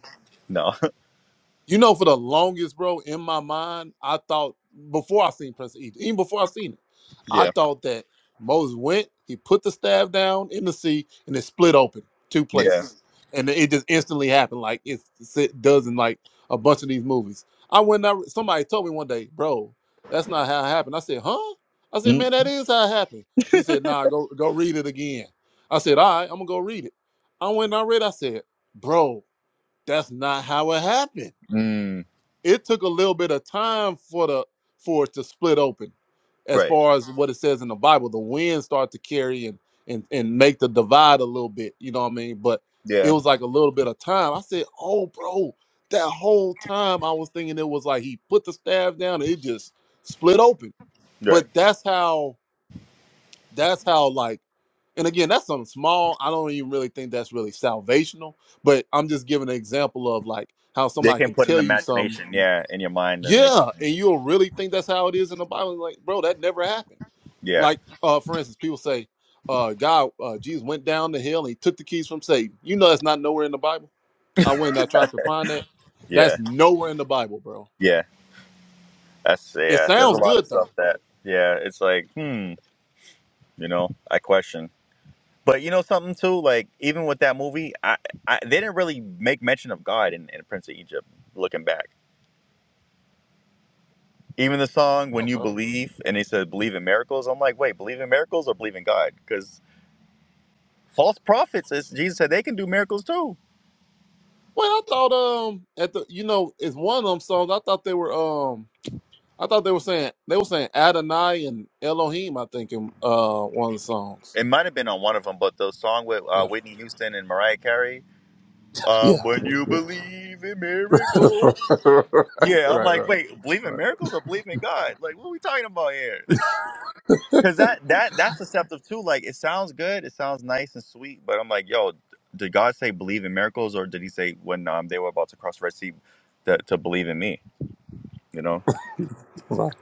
Speaker 1: You know, for the longest, bro, in my mind, I thought before I seen Prince of Egypt, even before I seen it, I thought that Moses went, he put the staff down in the sea, and it split open two places, and it just instantly happened, like it's, it does in like a bunch of these movies. I went out. Somebody told me one day, bro, that's not how it happened. I said, huh? I said, man, that is how it happened. He said, nah, go go read it again. I said, all right, I'm gonna go read it. I went and I read. I said, bro, that's not how it happened it took a little bit of time for the for it to split open as far as what it says in the bible the wind start to carry and and and make the divide a little bit you know what i mean but it was like a little bit of time i said oh bro that whole time i was thinking it was like he put the staff down and it just split open but that's how that's how like and again that's something small i don't even really think that's really salvational but i'm just giving an example of like how somebody can tell you something yeah, and you'll really think that's how it is in the Bible. Like, bro, that never happened. Like, uh, for instance, people say, uh, God, uh, Jesus went down the hill and he took the keys from Satan. You know, that's not nowhere in the Bible. I went and I tried to find that. That's nowhere in the Bible, bro. It sounds good though. Okay. Well, I thought, um, at the, you know, it's one of them songs. I thought they were, um, I thought they were saying they were saying Adonai and Elohim. I think in uh one of the songs. Yeah. Yeah. Yeah. right. Right. Right. Right.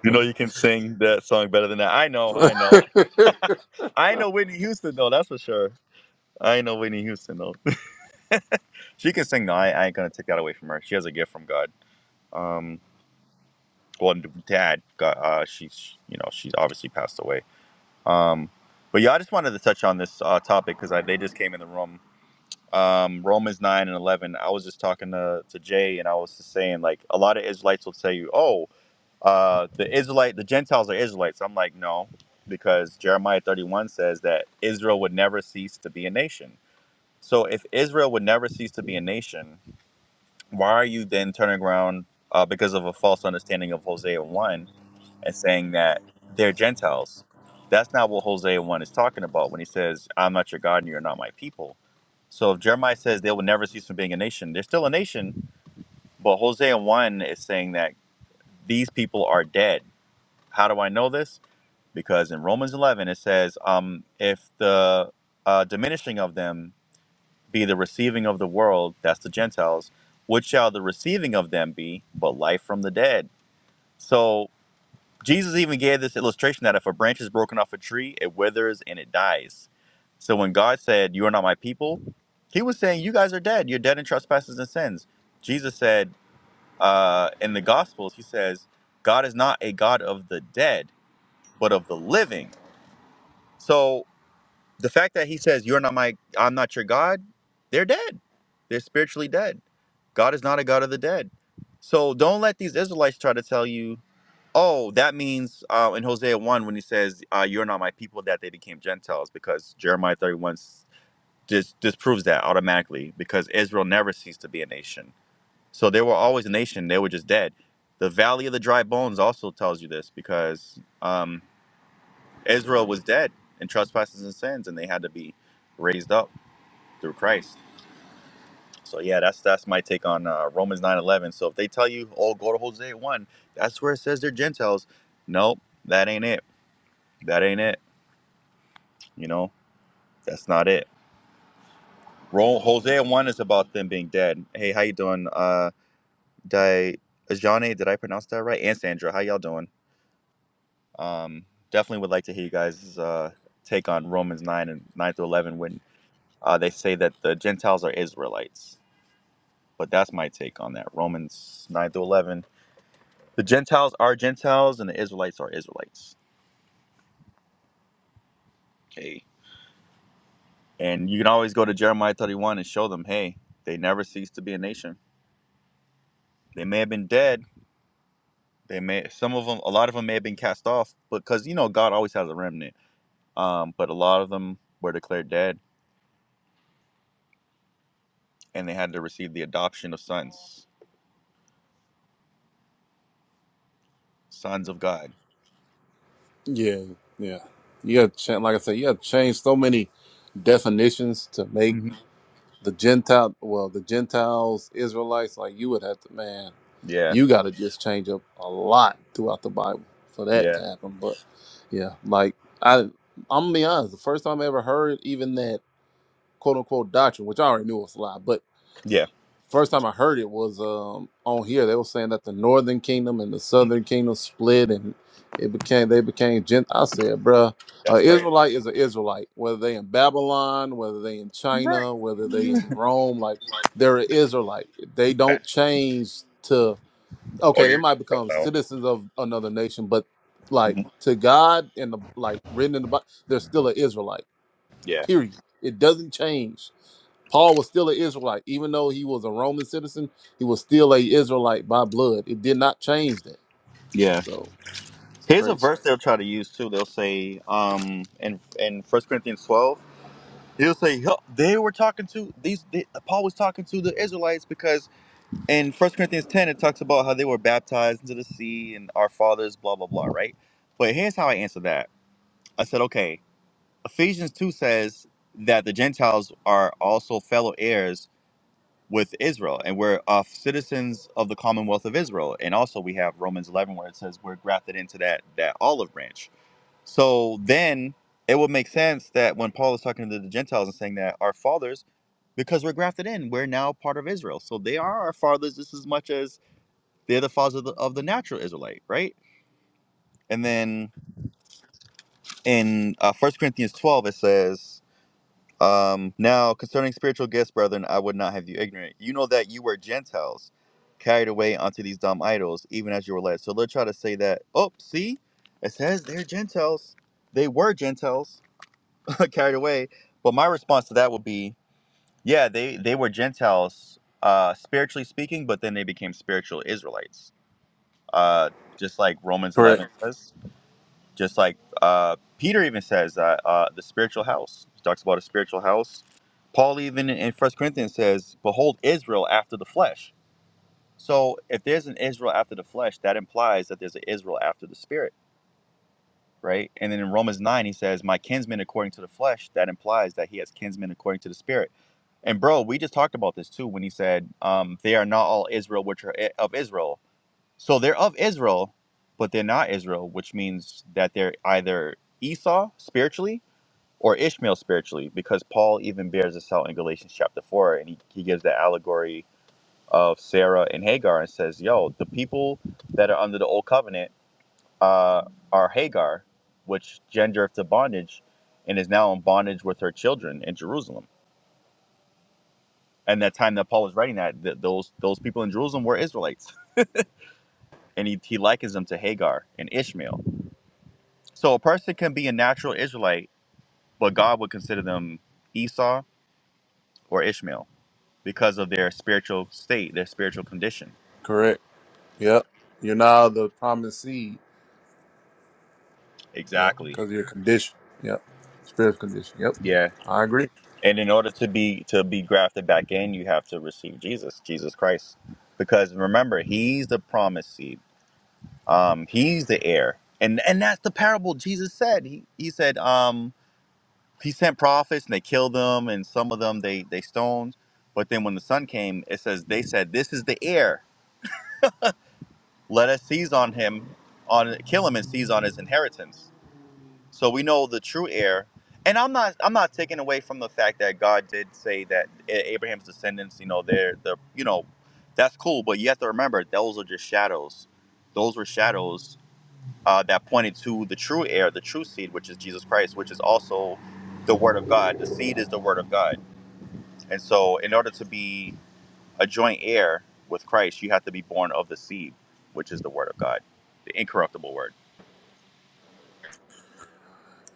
Speaker 1: Yeah, yeah. You got to like I said, you got to change so many definitions to make the Gentile, well, the Gentiles, Israelites. Like you would have to, man. You got to just change up a lot throughout the Bible for that to happen. But yeah, like I, I'm gonna be honest. The first time I ever heard even that quote unquote doctrine, which I already knew was a lie, but First time I heard it was um, on here. They were saying that the Northern Kingdom and the Southern Kingdom split, and it became they became. Gent- I said, "Bruh, uh, Israelite is an Israelite, whether they in Babylon, whether they in China, whether they in Rome. Like they're an Israelite. They don't change to okay. They might become citizens of another nation, but like to God and the like written in the Bible, they're still an Israelite." Period. It doesn't change. Paul was still an Israelite, even though he was a Roman citizen. He was still a Israelite by blood. It did not change that. So it's crazy. Correct. Correct. Yep. You're now the promised seed. Yep. Because of your condition. Yep. Spiritual condition. Yep. I agree.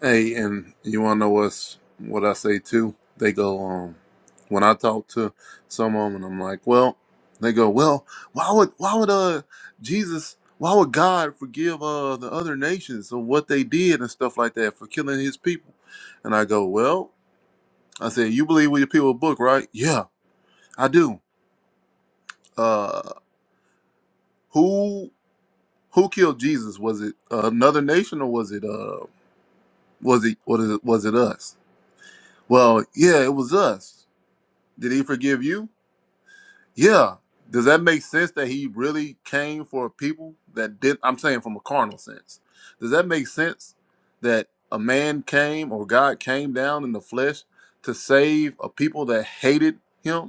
Speaker 1: Hey, and you wanna know what's what I say too? They go, um, when I talk to someone and I'm like, well, they go, well, why would why would uh Jesus, why would God forgive uh the other nations of what they did and stuff like that for killing His people? And I go, well, I said, you believe with your people book, right? Yeah, I do. Uh, who who killed Jesus? Was it another nation or was it uh was it what is it was it us? Well, yeah, it was us. Did he forgive you? Yeah. Does that make sense that he really came for people that did? I'm saying from a carnal sense. Does that make sense that a man came or God came down in the flesh to save a people that hated him?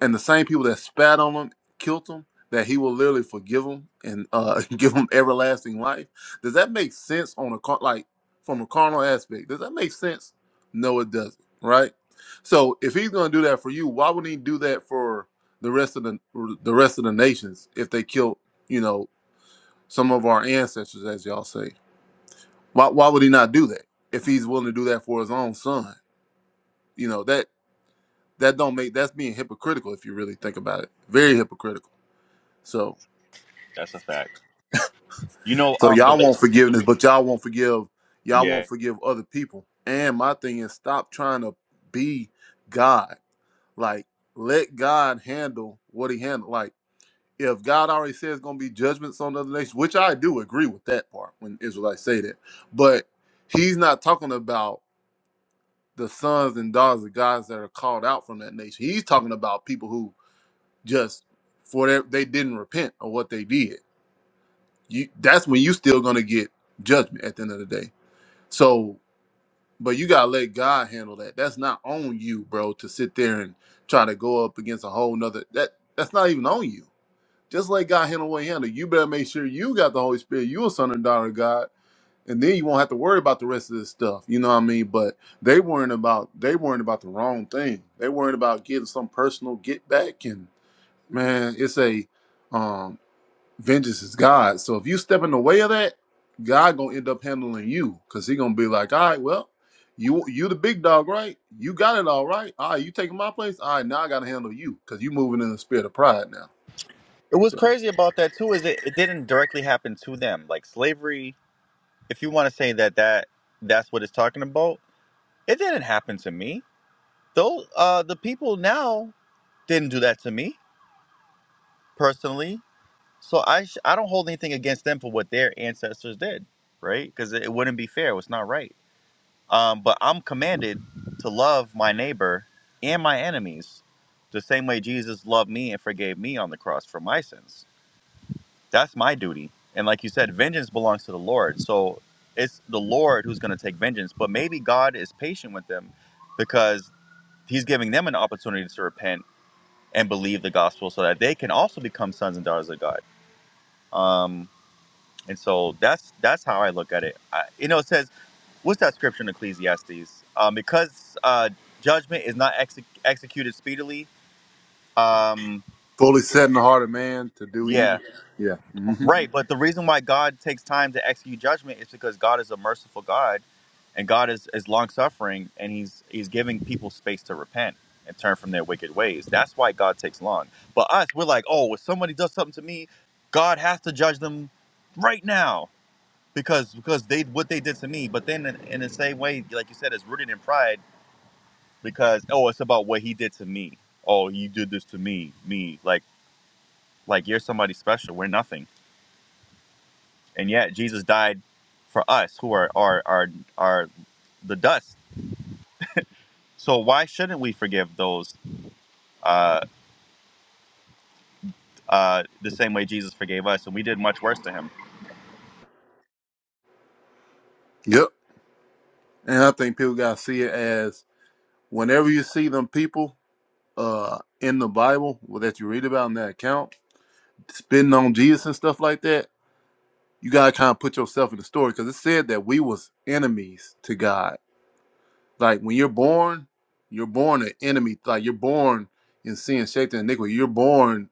Speaker 1: and the same people that spat on him killed him that he will literally forgive them and uh give them everlasting life does that make sense on a car like from a carnal aspect does that make sense no it doesn't right so if he's going to do that for you why wouldn't he do that for the rest of the the rest of the nations if they killed you know some of our ancestors as y'all say why, why would he not do that if he's willing to do that for his own son you know that that don't make that's being hypocritical if you really think about it very hypocritical So so y'all want forgiveness, but y'all won't forgive y'all won't forgive other people. And my thing is stop trying to be God. Like let God handle what he handled. Like if God already says gonna be judgments on other nations, which I do agree with that part when Israelites say that, but he's not talking about the sons and daughters of guys that are called out from that nation. He's talking about people who just for their, they didn't repent of what they did you that's when you still gonna get judgment at the end of the day. So, but you gotta let God handle that. That's not on you, bro, to sit there and try to go up against a whole nother that that's not even on you. Just let God handle what he handle. You better make sure you got the Holy Spirit, you a son and daughter of God, and then you won't have to worry about the rest of this stuff. You know what I mean? But they worrying about they worrying about the wrong thing. They worrying about getting some personal get back and man, it's a um vengeance is God. So if you step in the way of that, God gonna end up handling you because he gonna be like, all right, well, you you the big dog, right? You got it all right. All right, you taking my place. All right, now I gotta handle you because you moving in the spirit of pride now. So fully setting the heart of man to do evil. Yeah. hmm Yep. And I think people gotta see it as whenever you see them people uh in the Bible well, that you read about in that account, spitting on Jesus and stuff like that you gotta kind of put yourself in the story because it said that we was enemies to God. Like when you're born, you're born an enemy. Like you're born in sin, shaped in iniquity. You're born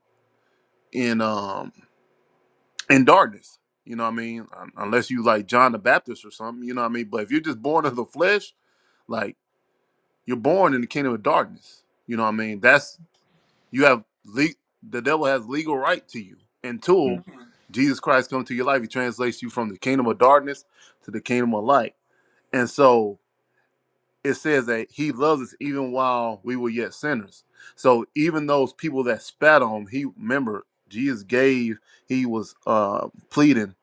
Speaker 1: in um in darkness. You know what I mean? Un- Unless you like John the Baptist or something. You know what I mean? But if you're just born of the flesh, like you're born in the kingdom of darkness. You know what I mean? That's you have le- the devil has legal right to you until Jesus Christ comes to your life. He translates you from the kingdom of darkness to the kingdom of light And so it says that he loves us even while we were yet sinners. So even those people that spat on him, he remember Jesus gave, he was uh pleading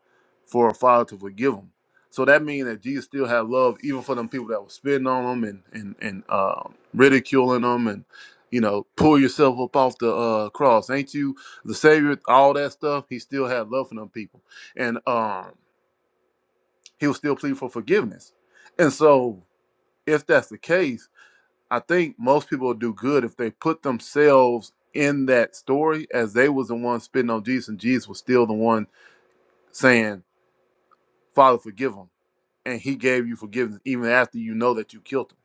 Speaker 1: for a father to forgive him. So that means that Jesus still had love even for them people that were spitting on him and and, and uh, ridiculing him and you know, pull yourself up off the uh, cross. Ain't you the savior? All that stuff. He still had love for them people. And um he was still pleading for forgiveness. And so if that's the case, I think most people will do good if they put themselves in that story as they was the one spitting on Jesus and Jesus was still the one saying, Father, forgive them. And he gave you forgiveness even after you know that you killed him.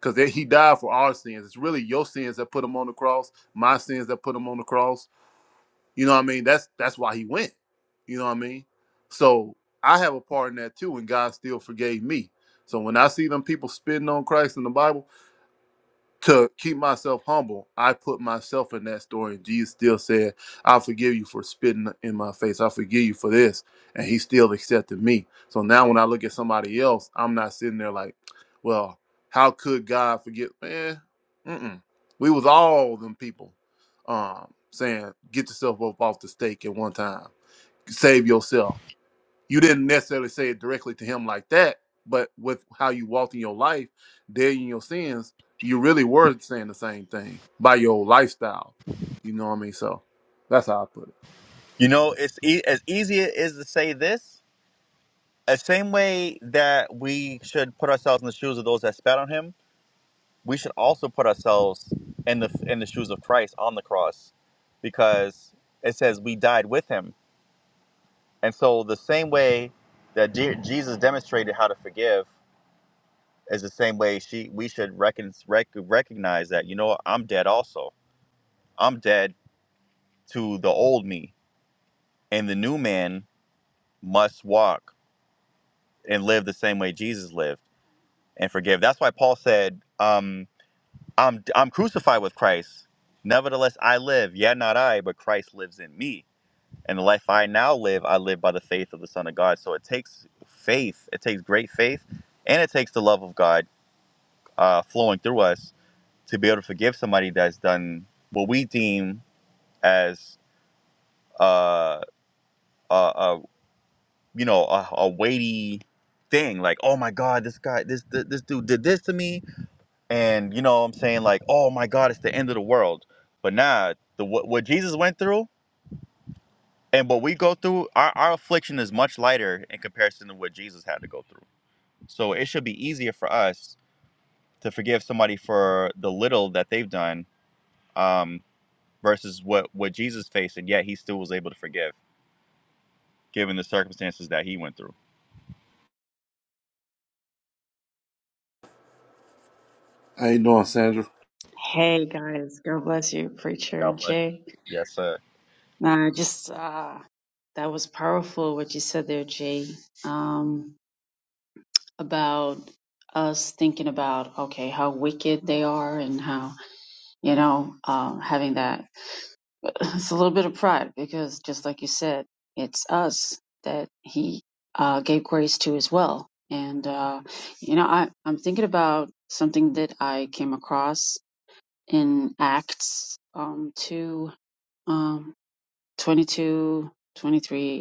Speaker 1: Because he died for our sins. It's really your sins that put him on the cross, my sins that put him on the cross. You know what I mean? That's that's why he went. You know what I mean? So I have a part in that too, and God still forgave me. So when I see them people spitting on Christ in the Bible, to keep myself humble, I put myself in that story. And Jesus still said, I forgive you for spitting in my face. I forgive you for this. And he still accepted me. So now when I look at somebody else, I'm not sitting there like, well, how could God forgive? Man, mm-mm. we was all them people um, saying, get yourself up off the stake at one time. Save yourself you didn't necessarily say it directly to him like that, but with how you walked in your life, dead in your sins, you really were saying the same thing by your lifestyle. You know what I mean? So that's how I put it. How you doing, Sandra?
Speaker 2: Hey guys, God bless you, preacher Jay. Nah, just uh that was powerful what you said there, Jay. Um about us thinking about okay, how wicked they are and how, you know, um having that it's a little bit of pride because just like you said, it's us that he uh gave grace to as well. And uh you know, I, I'm thinking about something that I came across in Acts um two. um, 22, 23.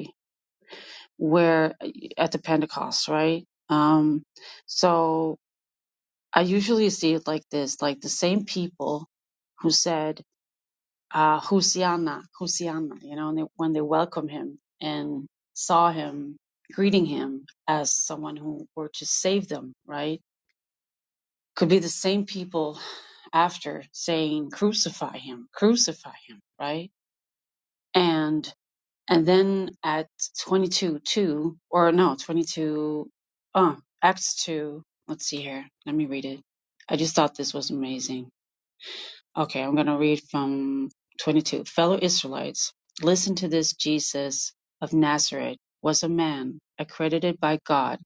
Speaker 2: where at the Pentecost, right? Um, so I usually see it like this, like the same people who said, uh, Hosanna, Hosanna, you know, and they, when they welcomed him and saw him greeting him as someone who were to save them, right? Could be the same people after saying, crucify him, crucify him, right? And And then at 22, 2, or no, 22, oh, Acts 2. Let's see here. Let me read it. I just thought this was amazing. Okay, I'm going to read from 22. Fellow Israelites, listen to this Jesus of Nazareth was a man accredited by God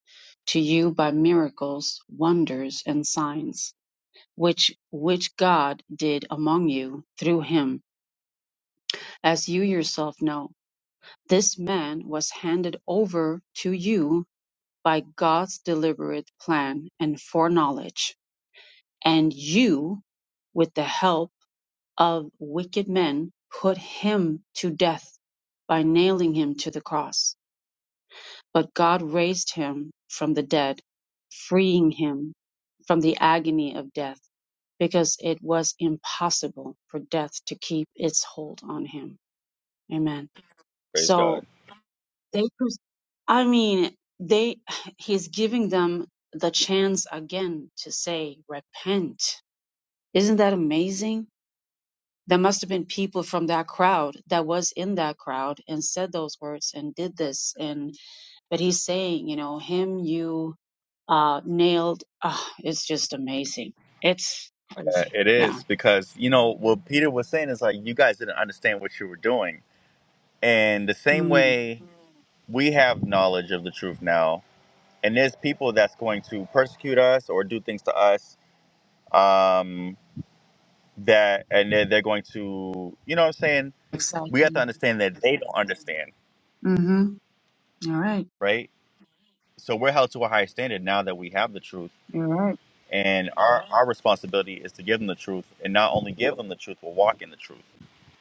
Speaker 2: to you by miracles, wonders, and signs, which, which God did among you through him, as you yourself know. This man was handed over to you by God's deliberate plan and foreknowledge, and you, with the help of wicked men, put him to death by nailing him to the cross. But God raised him from the dead, freeing him from the agony of death, because it was impossible for death to keep its hold on him. Amen. So They, pres- I mean, they, he's giving them the chance again to say, repent. Isn't that amazing? There must have been people from that crowd that was in that crowd and said those words and did this. And, but he's saying, you know, him, you, uh, nailed. ah, it's just amazing. It's crazy. Yeah. Mm, exactly. Mm-hmm. All right. You're right.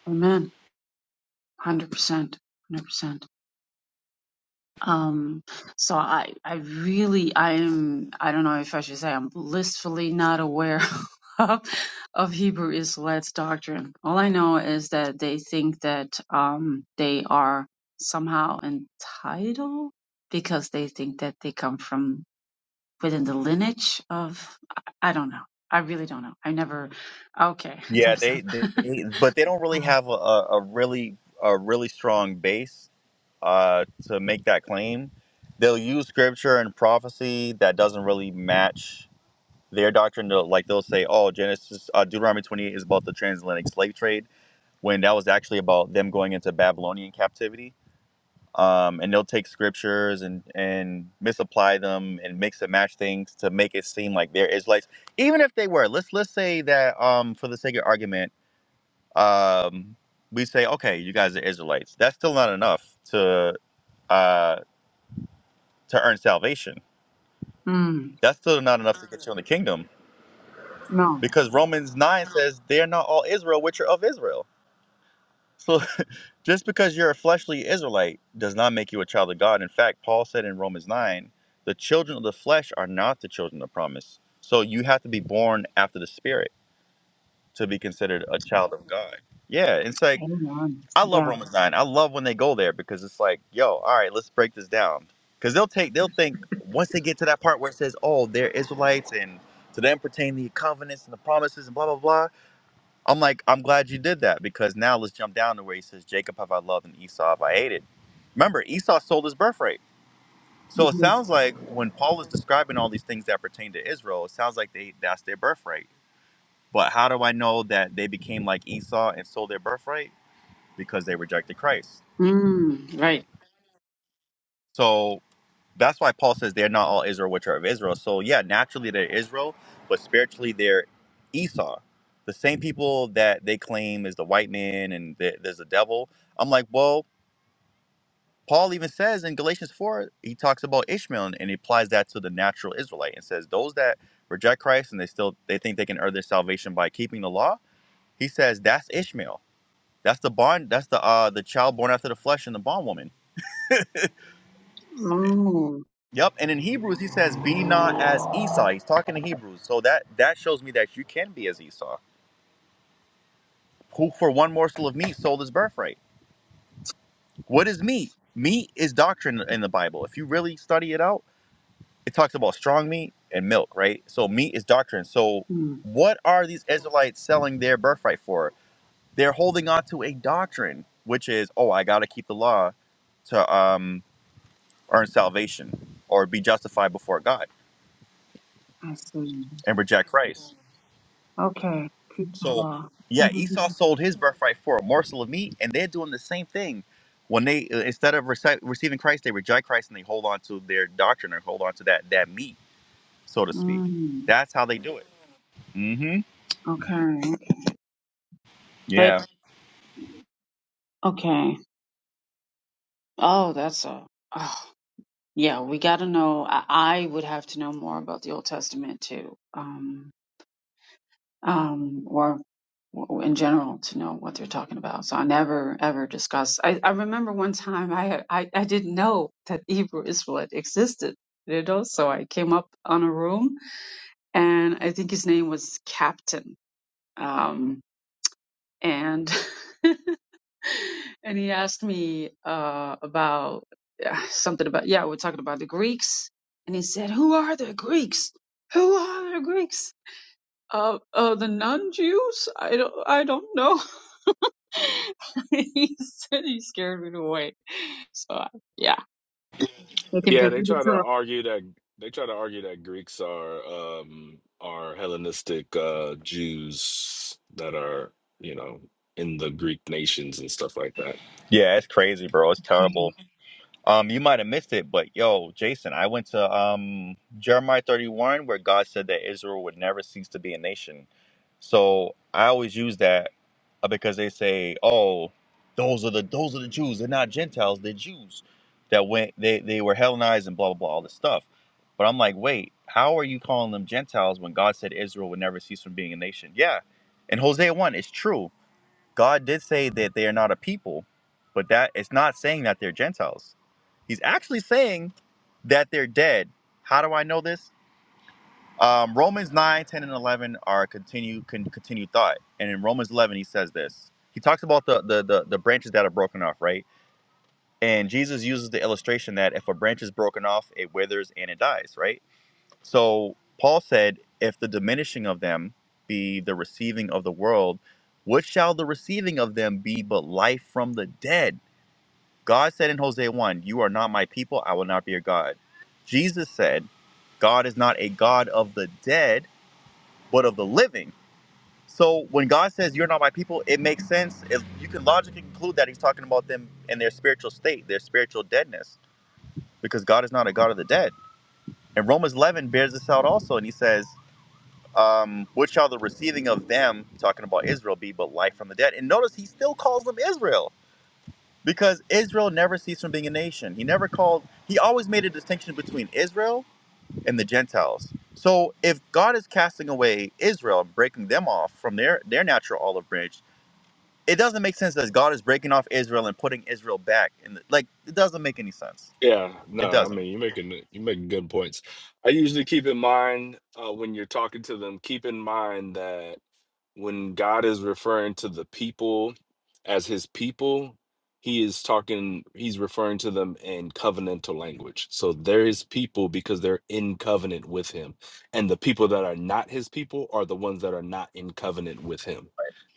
Speaker 2: Amen. 100%. 100%. Um, so I, I really, I am, I don't know if I should say I'm blissfully not aware of, of Hebrew Israelites doctrine. All I know is that they think that, um, they are somehow entitled because they think that they come from within the lineage of, I I don't know. I really don't know. I never, okay, thumbs up. Mm, no, I don't know. Yeah. Mhm. Mm, right. Oh. Mm, I see. Okay. People law. Mhm. Mm, okay. But okay. Oh, that's a. Oh, yeah, we got to know. I, I would have to know more about the Old Testament too, um, um, or w- in general to know what they're talking about. So I never ever discuss. I, I remember one time I, I I didn't know that Hebrew Israelite existed. You know, so I came up on a room, and I think his name was Captain. Um. and and he asked me uh, about uh, something about yeah we're talking about the Greeks and he said who are the Greeks who are the Greeks uh, uh the non Jews I don't I don't know he said he scared me away so uh, yeah they can be
Speaker 3: Yeah, they
Speaker 2: pretty
Speaker 3: try to
Speaker 2: tough
Speaker 3: argue that they try to argue that Greeks are um are Hellenistic uh Jews that are, you know, in the Greek nations and stuff like that. Yeah, no, I mean you're making you're making good points. I usually keep in mind uh when you're talking to them, keep in mind that when God is referring to the people as his people, he is talking, he's referring to them in covenantal language. So they're his people because they're in covenant with him. And the people that are not his people are the ones that are not in covenant with him.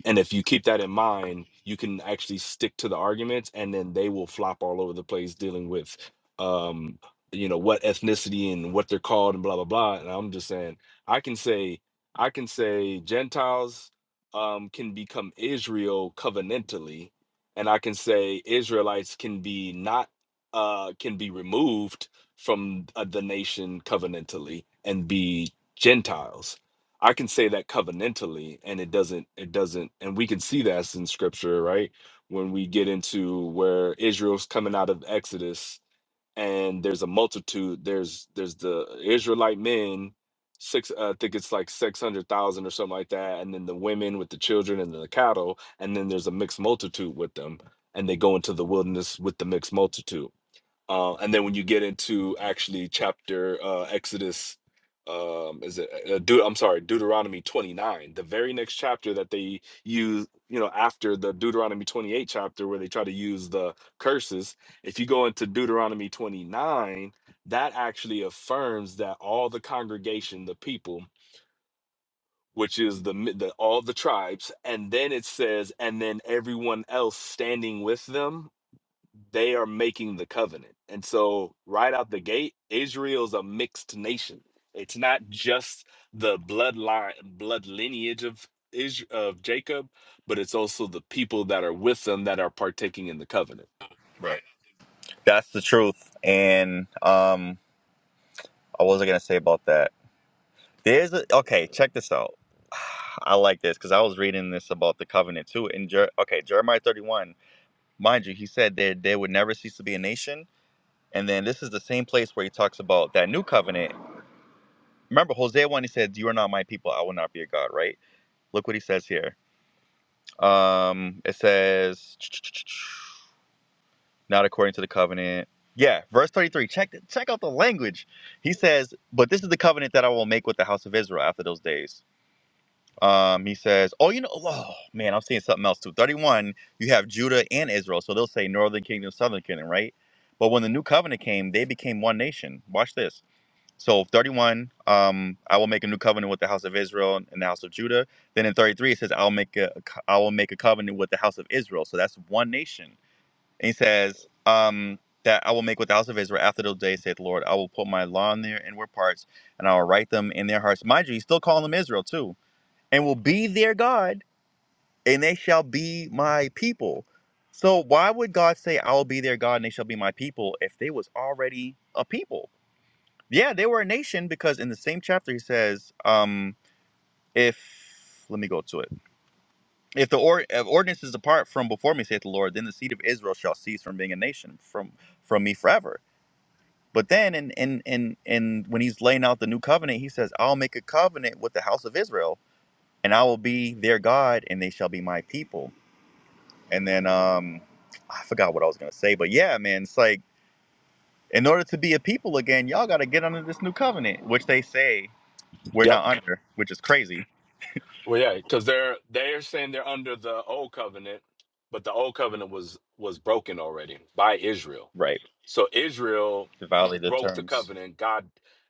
Speaker 3: And if you keep that in mind, you can actually stick to the arguments and then they will flop all over the place dealing with um you know what ethnicity and what they're called and blah blah blah. And I'm just saying I can say I can say Gentiles um, can become Israel covenantally, and I can say Israelites can be not uh, can be removed from uh, the nation covenantally and be Gentiles. I can say that covenantally, and it doesn't. It doesn't, and we can see that in Scripture, right? When we get into where Israel's coming out of Exodus, and there's a multitude there's there's the israelite men six uh, i think it's like 600000 or something like that and then the women with the children and the cattle and then there's a mixed multitude with them and they go into the wilderness with the mixed multitude uh, and then when you get into actually chapter uh, Exodus, um, is it? Uh, Deut- I'm sorry, Deuteronomy 29, the very next chapter that they use, you know, after the Deuteronomy 28 chapter where they try to use the curses. If you go into Deuteronomy 29, that actually affirms that all the congregation, the people, which is the, mi- the all the tribes, and then it says, and then everyone else standing with them they are making the covenant. And so, right out the gate, Israel's a mixed nation. It's not just the bloodline, blood lineage of Is- of Jacob, but it's also the people that are with them that are partaking in the covenant. Well, yeah, because they're they're saying they're under the old covenant, but the old covenant was was broken already by Israel. So Israel broke the covenant. God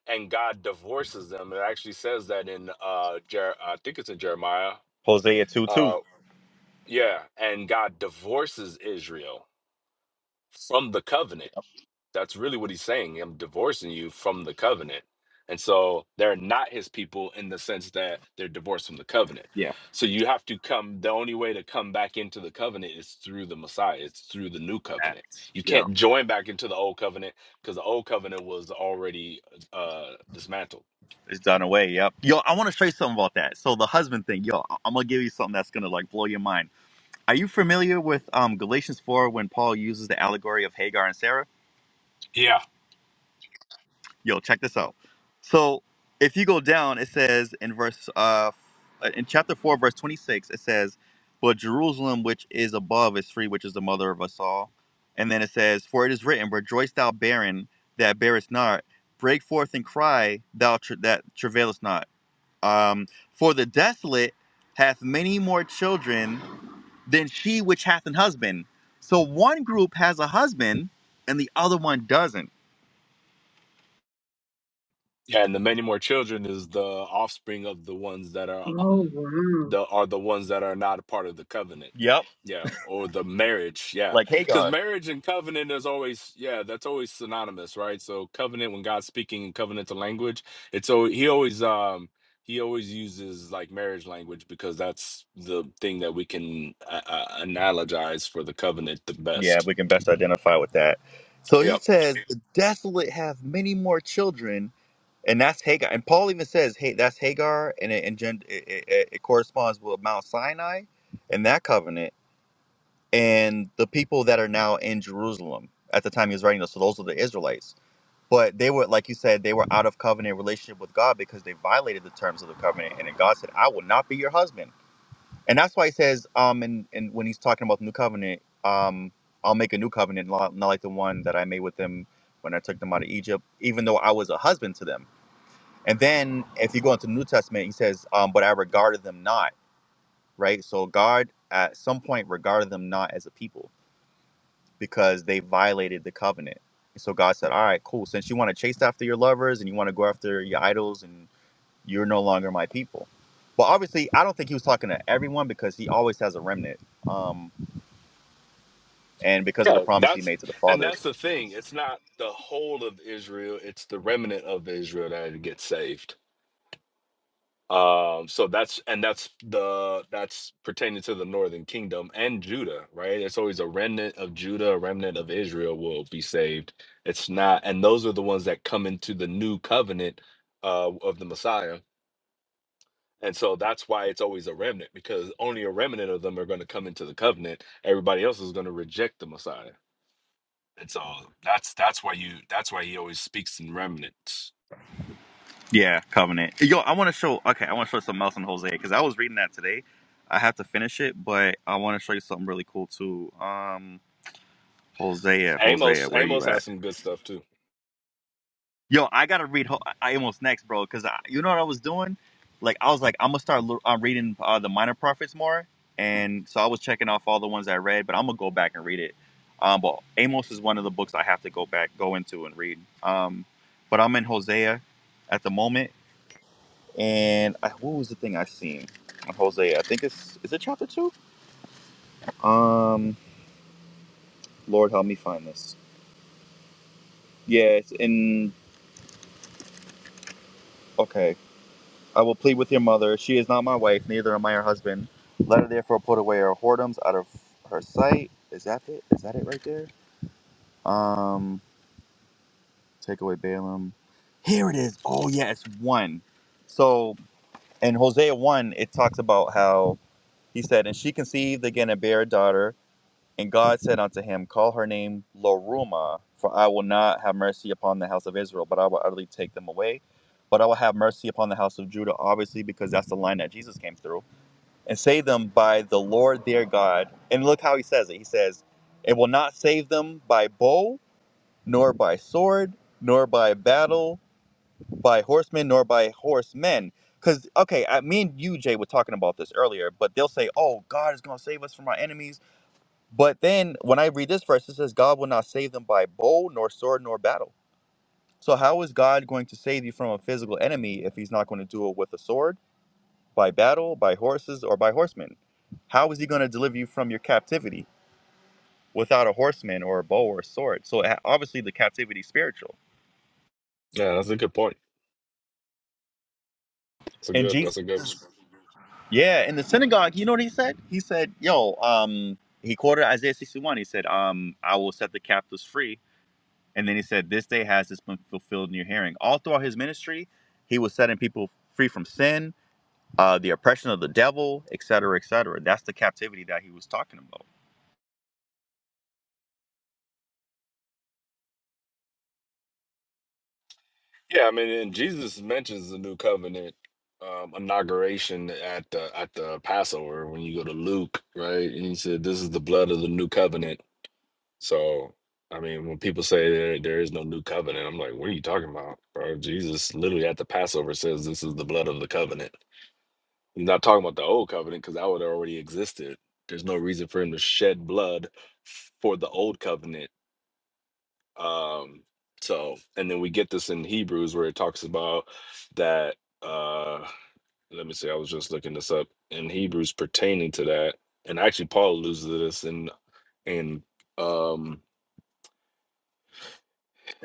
Speaker 3: and God divorces them. It actually says that in uh, Jer- I think it's in Jeremiah. Uh, yeah, and God divorces Israel from the covenant. That's really what he's saying. I'm divorcing you from the covenant. And so they're not his people in the sense that they're divorced from the covenant. So you have to come, the only way to come back into the covenant is through the Messiah, it's through the new covenant. You can't join back into the old covenant because the old covenant was already uh, dismantled Yeah. Yeah. and the many more children is the offspring of the ones that are
Speaker 2: oh wow
Speaker 3: the are the ones that are not a part of the covenant yeah or the marriage yeah because marriage and covenant is always yeah that's always synonymous right so covenant when god's speaking in covenantal language it's so he always um he always uses like marriage language because that's the thing that we can uh, uh, analogize for the covenant the best yep yeah that's and that's the thing it's not the whole of israel it's the remnant of israel that gets saved Um, so that's and that's the that's pertaining to the northern kingdom and Judah, right? It's always a remnant of Judah, a remnant of Israel will be saved. It's not, and those are the ones that come into the new covenant uh of the Messiah. And so that's why it's always a remnant, because only a remnant of them are going to come into the covenant. Everybody else is going to reject the Messiah. And so that's that's why you that's why he always speaks in remnants. Amos Amos has some good stuff too. Yeah, that's a good point. That's a good that's a good Yeah, I mean, and Jesus mentions the new covenant um, inauguration at the at the Passover when you go to Luke, right? And he said, "This is the blood of the new covenant." So, I mean, when people say there there is no new covenant, I'm like, "What are you talking about, bro?" Jesus literally at the Passover says, "This is the blood of the covenant." He's not talking about the old covenant because that would have already existed. There's no reason for him to shed blood for the old covenant um, so, and then we get this in Hebrews where it talks about that. Uh, let me see, I was just looking this up in Hebrews pertaining to that, and actually Paul alludes to this in in um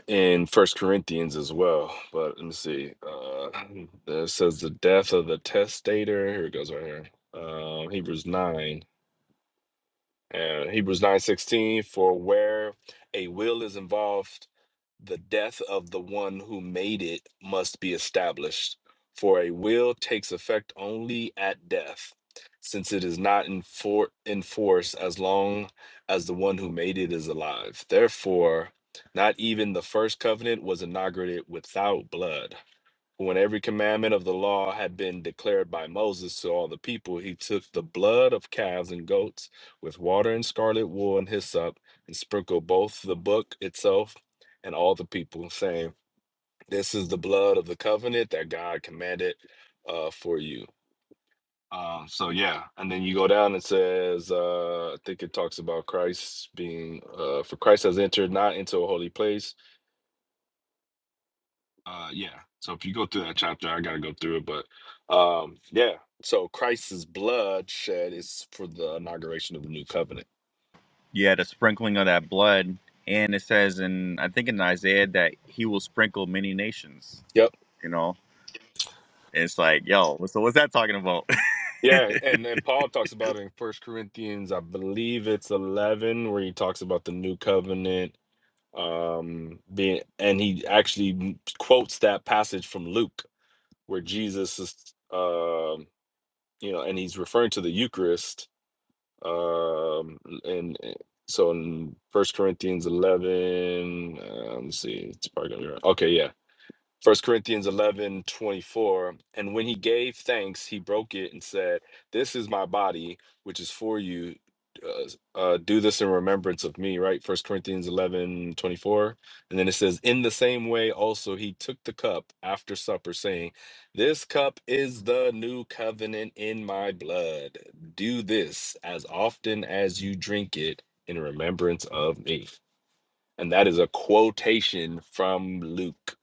Speaker 3: in First Corinthians as well. But let me see. Uh, it says the death of the testator. Here it goes right here. Um, Hebrews nine. Uh, Hebrews 9:16 for where a will is involved the death of the one who made it must be established for a will takes effect only at death since it is not in, for- in force as long as the one who made it is alive therefore not even the first covenant was inaugurated without blood when every commandment of the law had been declared by Moses to all the people, he took the blood of calves and goats with water and scarlet wool and hyssop and sprinkled both the book itself and all the people, saying, This is the blood of the covenant that God commanded uh, for you. Um, so yeah, and then you go down and says, uh, I think it talks about Christ being, uh, for Christ has entered not into a holy place Uh, yeah. So if you go through that chapter, I gotta go through it, but um, yeah. So Christ's blood shed is for the inauguration of the new covenant. Yep. Yeah, and and Paul talks about it in First Corinthians, I believe it's eleven, where he talks about the new covenant um being, and he actually quotes that passage from Luke, where Jesus is, um, you know, and he's referring to the Eucharist, Um, and and so in First Corinthians eleven, uh, let me see, it's probably gonna be right. Okay, yeah. First Corinthians 11 24, And when he gave thanks, he broke it and said, This is my body, which is for you. Uh, uh, do this in remembrance of me, right? First Corinthians 11 24, And then it says, In the same way, also, he took the cup after supper, saying, 'This cup is the new covenant in my blood. Do this as often as you drink it in remembrance of me. And that is a quotation from Luke.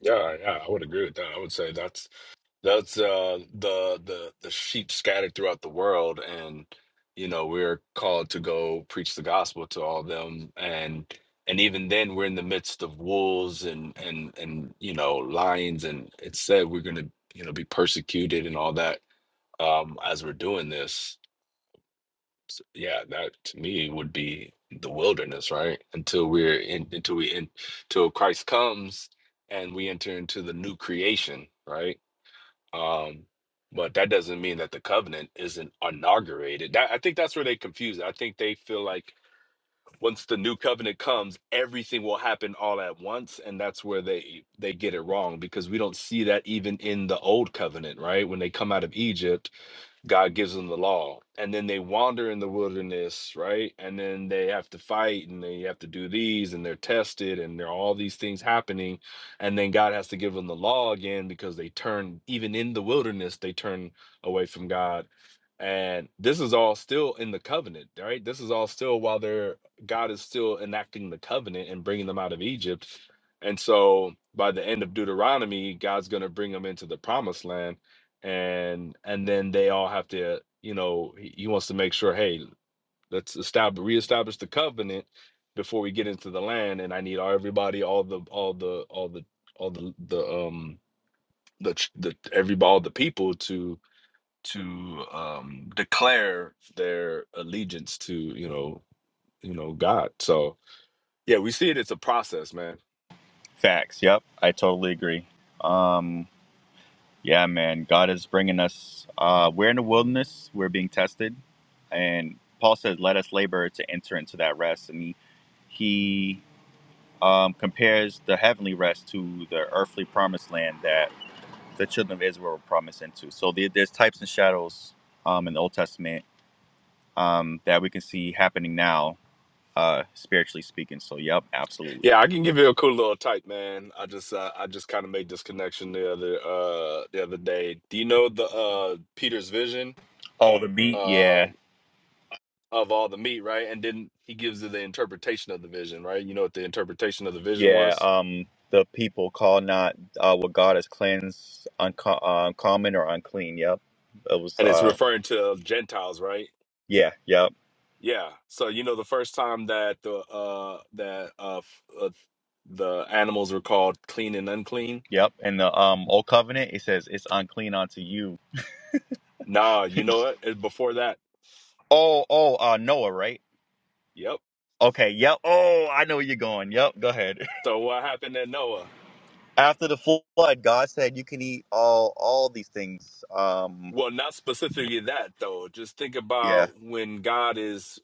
Speaker 3: Yeah, yeah, I would agree with that. I would say that's that's uh the the the sheep scattered throughout the world and you know, we're called to go preach the gospel to all of them and and even then we're in the midst of wolves and and and you know, lions and it said we're going to you know be persecuted and all that um as we're doing this yeah, that to me would be the wilderness, right? Until we're in, until we in, till Christ comes and we enter into the new creation, right? Um, but that doesn't mean that the covenant isn't inaugurated. That I think that's where they confuse it. I think they feel like once the new covenant comes, everything will happen all at once, and that's where they they get it wrong because we don't see that even in the old covenant, right? When they come out of Egypt, God gives them the law. And then they wander in the wilderness, right? And then they have to fight and they have to do these and they're tested and there are all these things happening. And then God has to give them the law again because they turn, even in the wilderness, they turn away from God. And this is all still in the covenant, right? This is all still while they're, God is still enacting the covenant and bringing them out of Egypt. And so by the end of Deuteronomy, God's going to bring them into the promised land and and then they all have to you know he, he wants to make sure hey let's establish reestablish the covenant before we get into the land and i need all everybody all the all the all the all the the um the ch- the everybody all the people to to um declare their allegiance to you know you know god so yeah we see it it's a process man Yeah, I can give you a cool little type, man. I just uh, I just kind of made this connection the other uh the other day. Do you know the uh Peter's vision um of all the meat, right? And then he gives you the interpretation of the vision, right? You know what the interpretation of the vision was? And it's referring to Gentiles, right? Yeah. So you know the first time that the uh that uh, f- uh the animals were called clean and unclean? Nah, you know what? It's before that. Yep. So what happened at Noah? Well, not specifically that though. Just think about when God is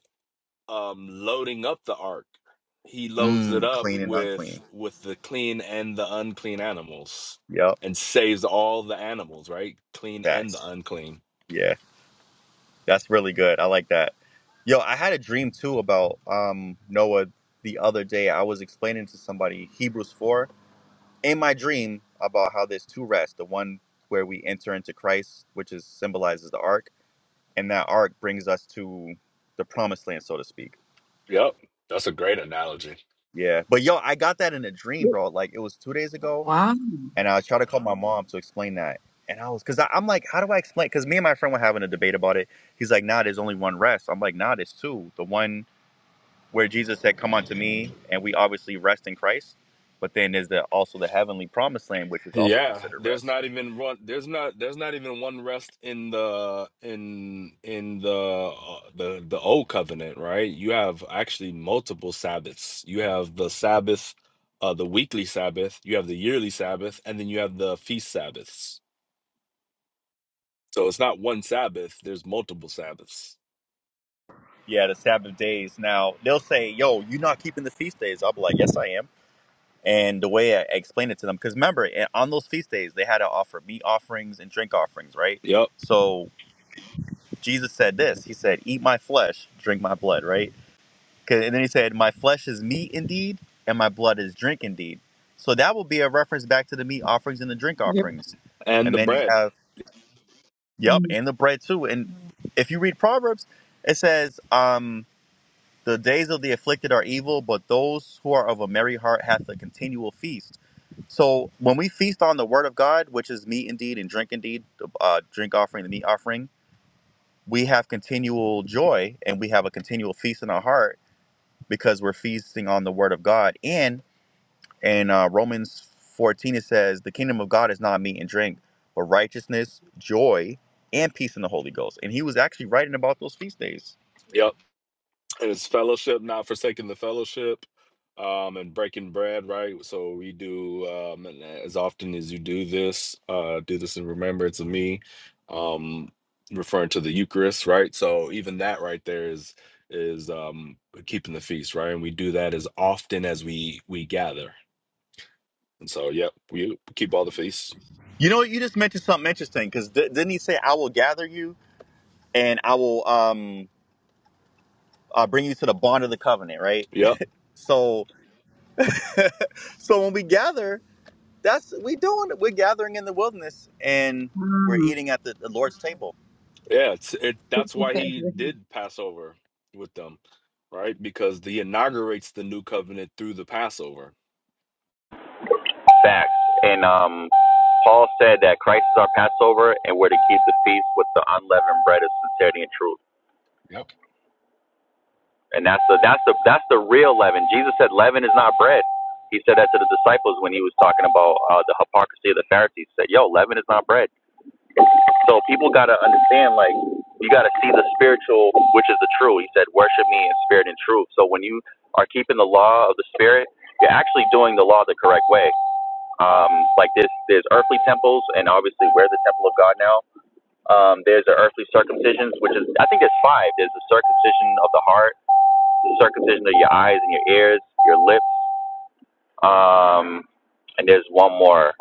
Speaker 3: um loading up the ark. He loads it up with with the clean and the unclean animals and saves all the animals, right? Clean and the unclean. Yep. That's a great analogy.
Speaker 2: wow
Speaker 3: Yeah, there's not even one. There's not. There's not even one rest in the in in the uh, the the old covenant, right? You have actually multiple Sabbaths. You have the Sabbath, uh, the weekly Sabbath. You have the yearly Sabbath, and then you have the feast Sabbaths. So it's not one Sabbath. There's multiple Sabbaths. Yep,
Speaker 2: yep.
Speaker 3: and the bread. Yep. It's fellowship, not forsaking the fellowship, um, and breaking bread, right? So we do um, and as often as you do this, uh, do this in remembrance of me, um, referring to the Eucharist, right? So even that right there is is um, keeping the feast, right? And we do that as often as we we gather. And so, yep, we keep all the feasts. Yep,
Speaker 2: Mhm.
Speaker 3: yeah, it's it. That's why he did Passover with them, right? Because he inaugurates the new covenant through the Passover.
Speaker 4: Facts. And um, Paul said that Christ is our Passover, and we're to keep the feast with the unleavened bread of sincerity and truth.
Speaker 3: Yep
Speaker 4: And that's the that's the that's the real leaven. Jesus said, "Leaven is not bread." He said that to the disciples when he was talking about uh, the hypocrisy of the Pharisees. He said, "Yo, leaven is not bread." So people gotta understand, like, you gotta see the spiritual, which is the true. He said, "Worship me in spirit and truth." So when you are keeping the law of the spirit, you're actually doing the law the correct way. Um, like this, there's earthly temples, and obviously we're the temple of God now. Um, there's the earthly circumcisions, which is I think there's five. There's the circumcision of the heart, the circumcision of your eyes and your ears, your lips, um, and there's one more.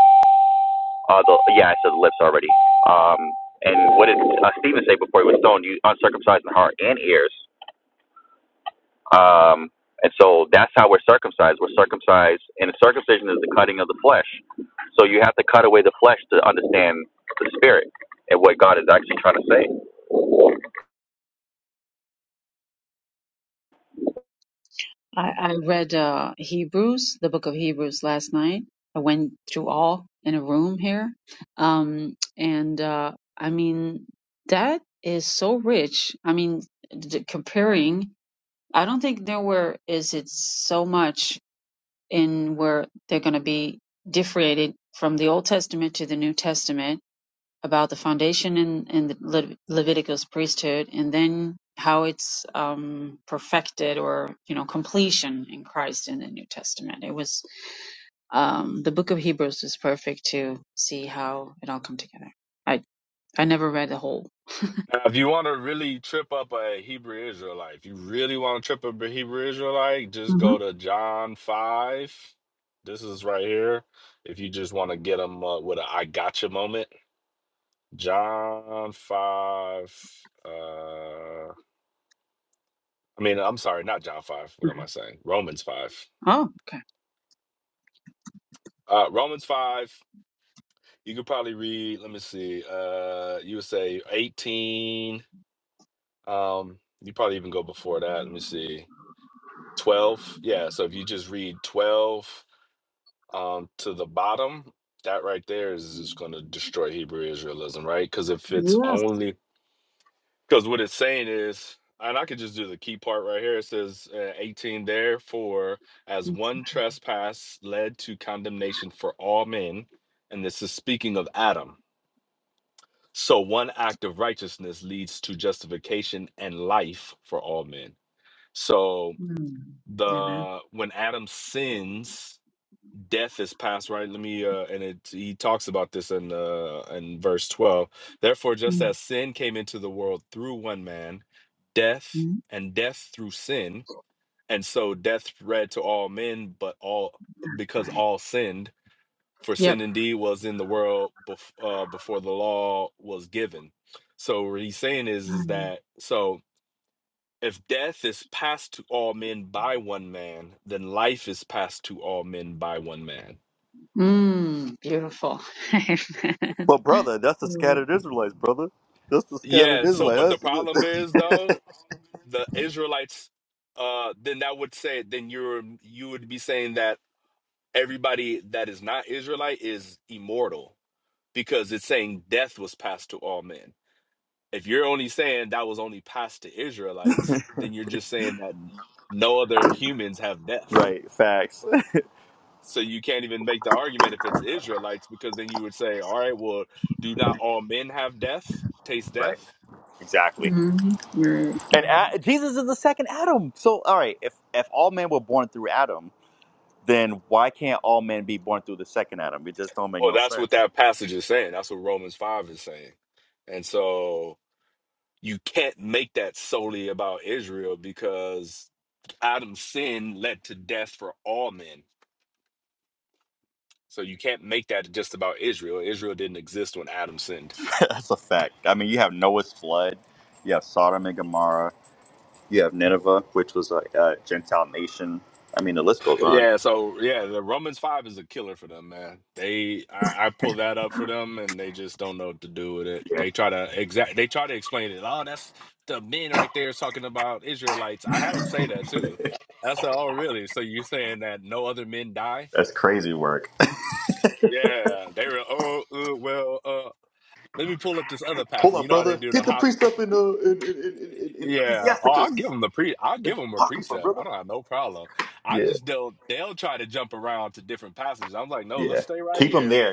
Speaker 4: Uh, the, yeah, I said the lips already. Um, and what did uh, Stephen say before he was stoned? You uncircumcised in heart and ears. Um, and so that's how we're circumcised. We're circumcised, and circumcision is the cutting of the flesh. So you have to cut away the flesh to understand the spirit and what God is actually trying to say.
Speaker 2: I, I read uh, Hebrews, the book of Hebrews last night. I went through all in a room here. Um, and uh, I mean, that is so rich. I mean, d- comparing, I don't think nowhere is it so much in where they're going to be differentiated from the Old Testament to the New Testament about the foundation in, in the Le- Leviticus priesthood and then how it's um, perfected or you know completion in Christ in the New Testament. It was um, the book of Hebrews is perfect to see how it all come together. I I never read the whole.
Speaker 3: Now, if you want to really trip up a Hebrew Israelite, if you really want to trip up a Hebrew Israelite, just
Speaker 2: hmm
Speaker 3: go to John 5. This is right here. If you just want to get them uh, with a I gotcha moment, John 5. Uh, I mean, I'm sorry, not John 5. What am I saying? Romans 5.
Speaker 2: Oh, okay.
Speaker 3: Uh, Romans 5. You could probably read, let me see, uh, you would say 18. Um, you probably even go before that. Let me see. 12. Yeah. So if you just read 12 um, to the bottom, that right there is just going to destroy Hebrew Israelism, right? Because if it's
Speaker 2: Yes.
Speaker 3: only, because what it's saying is, and I could just do the key part right here. It says uh, 18, therefore, as one trespass led to condemnation for all men, and this is speaking of Adam. So one act of righteousness leads to justification and life for all men. So
Speaker 2: Mm. Amen.
Speaker 3: the when Adam sins, death is past right let me uh and it he talks about this in uh in verse 12 therefore just as sin came into the world through one man death
Speaker 2: Mm-hmm.
Speaker 3: and death through sin and so death spread to all men but all because
Speaker 2: Right.
Speaker 3: all sinned for
Speaker 2: Yep.
Speaker 3: sin indeed was in the world bef- uh, before the law was given so what he's saying is is
Speaker 2: Mm,
Speaker 3: that so if death is passed to all men by one man then life is passed to all men by one man
Speaker 2: Mm, beautiful. Amen.
Speaker 3: Yeah, so but the problem is though, the Israelites uh then that would say then you're you would be saying that everybody that is not Israelite is immortal because it's saying death was passed to all men. If you're only saying that was only passed to Israelites, then you're just saying that no other humans have death. So you can't even make the argument if it's Israelites because then you would say, all right, well, do not all men have death, taste death?
Speaker 2: Mm-hmm. Right.
Speaker 3: Well, that's what that passage is saying. That's what Romans 5 is saying. And so you can't make that solely about Israel because Adam's sin led to death for all men. So you can't make that just about Israel. Israel didn't exist when Adam sinned. Yeah, so yeah, the Romans five is a killer for them, man. They I, I pull that up for them, and they just don't know what to do with it. They try to exact, they try to explain it. Oh, that's the men right there talking about Israelites. I had them say that too. I said, oh, really? So you're saying that no other men die? Yeah, they were. Oh, uh, well, uh, let me pull up this other passage. You know how they do the hop Yeah. Oh, I'll give them the pre. I'll give them a precept. I don't have no problem. I just don't. They'll try to jump around to different passages. I'm like, no, let's stay right here.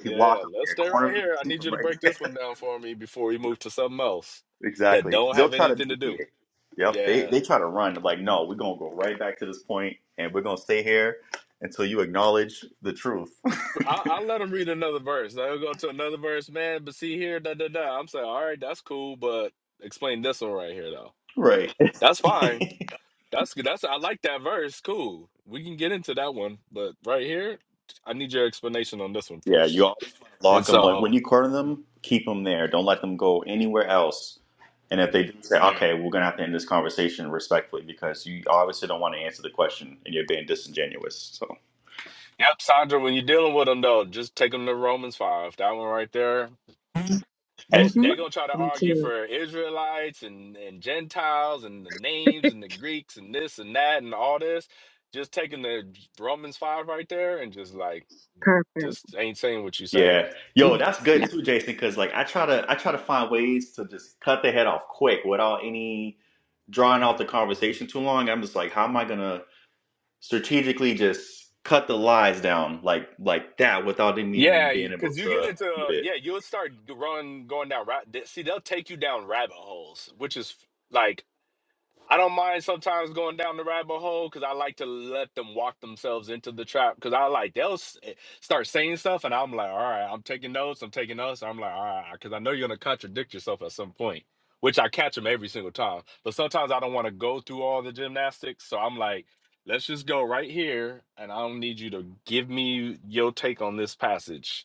Speaker 3: Yeah, let's stay right here. I need you to break this one down for me before we move to something else that don't have anything to do. Yeah. I, I'll let them read another verse. They'll go to another verse, man. But see here, da da da. I'm saying, all right, that's cool, but explain this one right here though. That's fine. That's good. That's I like that verse. Cool. We can get into that one, but right here, I need your explanation on this one first. And so, yeah, yep, Sandra. When you're dealing with them, though, just take them to Romans five. That one right there. They
Speaker 2: Mm-hmm.
Speaker 3: they're gonna try to
Speaker 2: Thank
Speaker 3: argue
Speaker 2: you.
Speaker 3: for Israelites and and Gentiles and the names and the Greeks and this and that and all this. Just taking the Romans five right there and just like
Speaker 2: Perfect.
Speaker 3: this ain't saying what you're saying.
Speaker 2: You- Yeah.
Speaker 3: Yeah, because you get into uh, yeah, you'll start to run going down ra- th- See, they'll take you down rabbit holes, which is like I don't mind sometimes going down the rabbit hole because I like to let them walk themselves into the trap. Because I like they'll s- eh, start saying stuff, and I'm like, all right, I'm taking notes, I'm taking notes. I'm like, all right, because I know you're gonna contradict yourself at some point, which I catch them every single time. But sometimes I don't want to go through all the gymnastics, so I'm like. Let's just go right here, and I don't need you to give me your take on this passage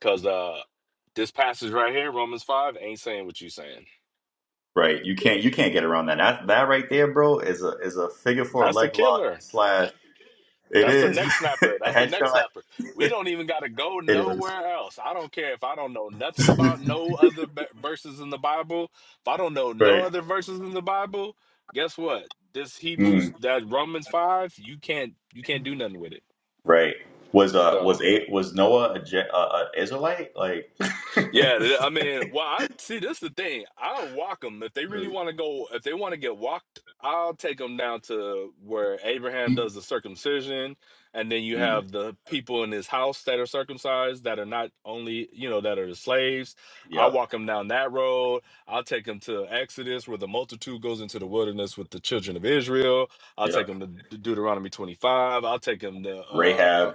Speaker 3: Cause uh this passage right here, Romans 5, ain't saying what you saying. That's the killer. That's the neck snapper. That's the neck snapper. We don't even gotta go nowhere else. I don't care if I don't know nothing about no other be- verses in the Bible. If I don't know no other verses in the Bible, guess what? This Hebrews, that Romans 5, you can't you can't do nothing with it. So. Yeah, th- I mean, well, I see. This is the thing. I'll walk them if they really want to go. If they want to get walked, I'll take them down to where Abraham does the circumcision, and then you have the people in his house that are circumcised that are not only you know that are the slaves. I'll walk them down that road. I'll take them to Exodus, where the multitude goes into the wilderness with the children of Israel. I'll take them to Deuteronomy twenty five. I'll take them to uh, uh,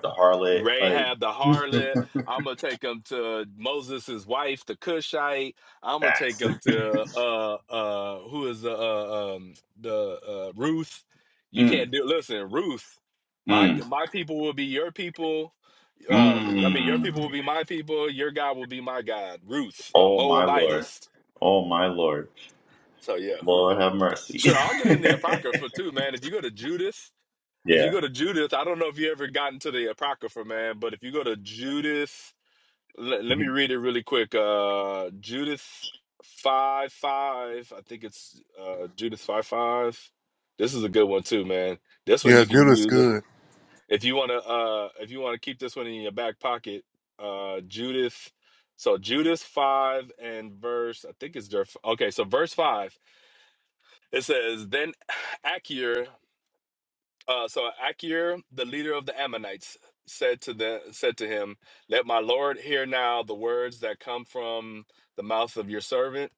Speaker 3: Rahab the harlot. I'm gonna take him to Moses' wife, the Cushite. I'm gonna take him to uh uh who is the uh, um the uh Ruth. You can't do listen, Ruth. My my people will be your people. Uh, I mean, I mean, your people will be my people. Your God will be my God. Ruth, a Moabitess. So yeah, sure. I'll get in the apocrypha too, man. If you go to Judith, if you go to Judith, I don't know if you ever gotten to the apocrypha, man. But if you go to Judith let, let me read it really quick. Uh, Judith five five. I think it's uh, Judith five five. This is a good one too, man. This one
Speaker 1: Yeah,
Speaker 3: you can
Speaker 1: Judas
Speaker 3: use it-
Speaker 1: good.
Speaker 3: if you want to. Uh, if you want to keep this one in your back pocket, uh, Judith. So Judith five and verse. I think it's verse. Okay, so verse five. It says, "Then Achior uh, so Akir, the leader of the Ammonites, said to the said to him, "Let my lord hear now the words that come from the mouth of your servant."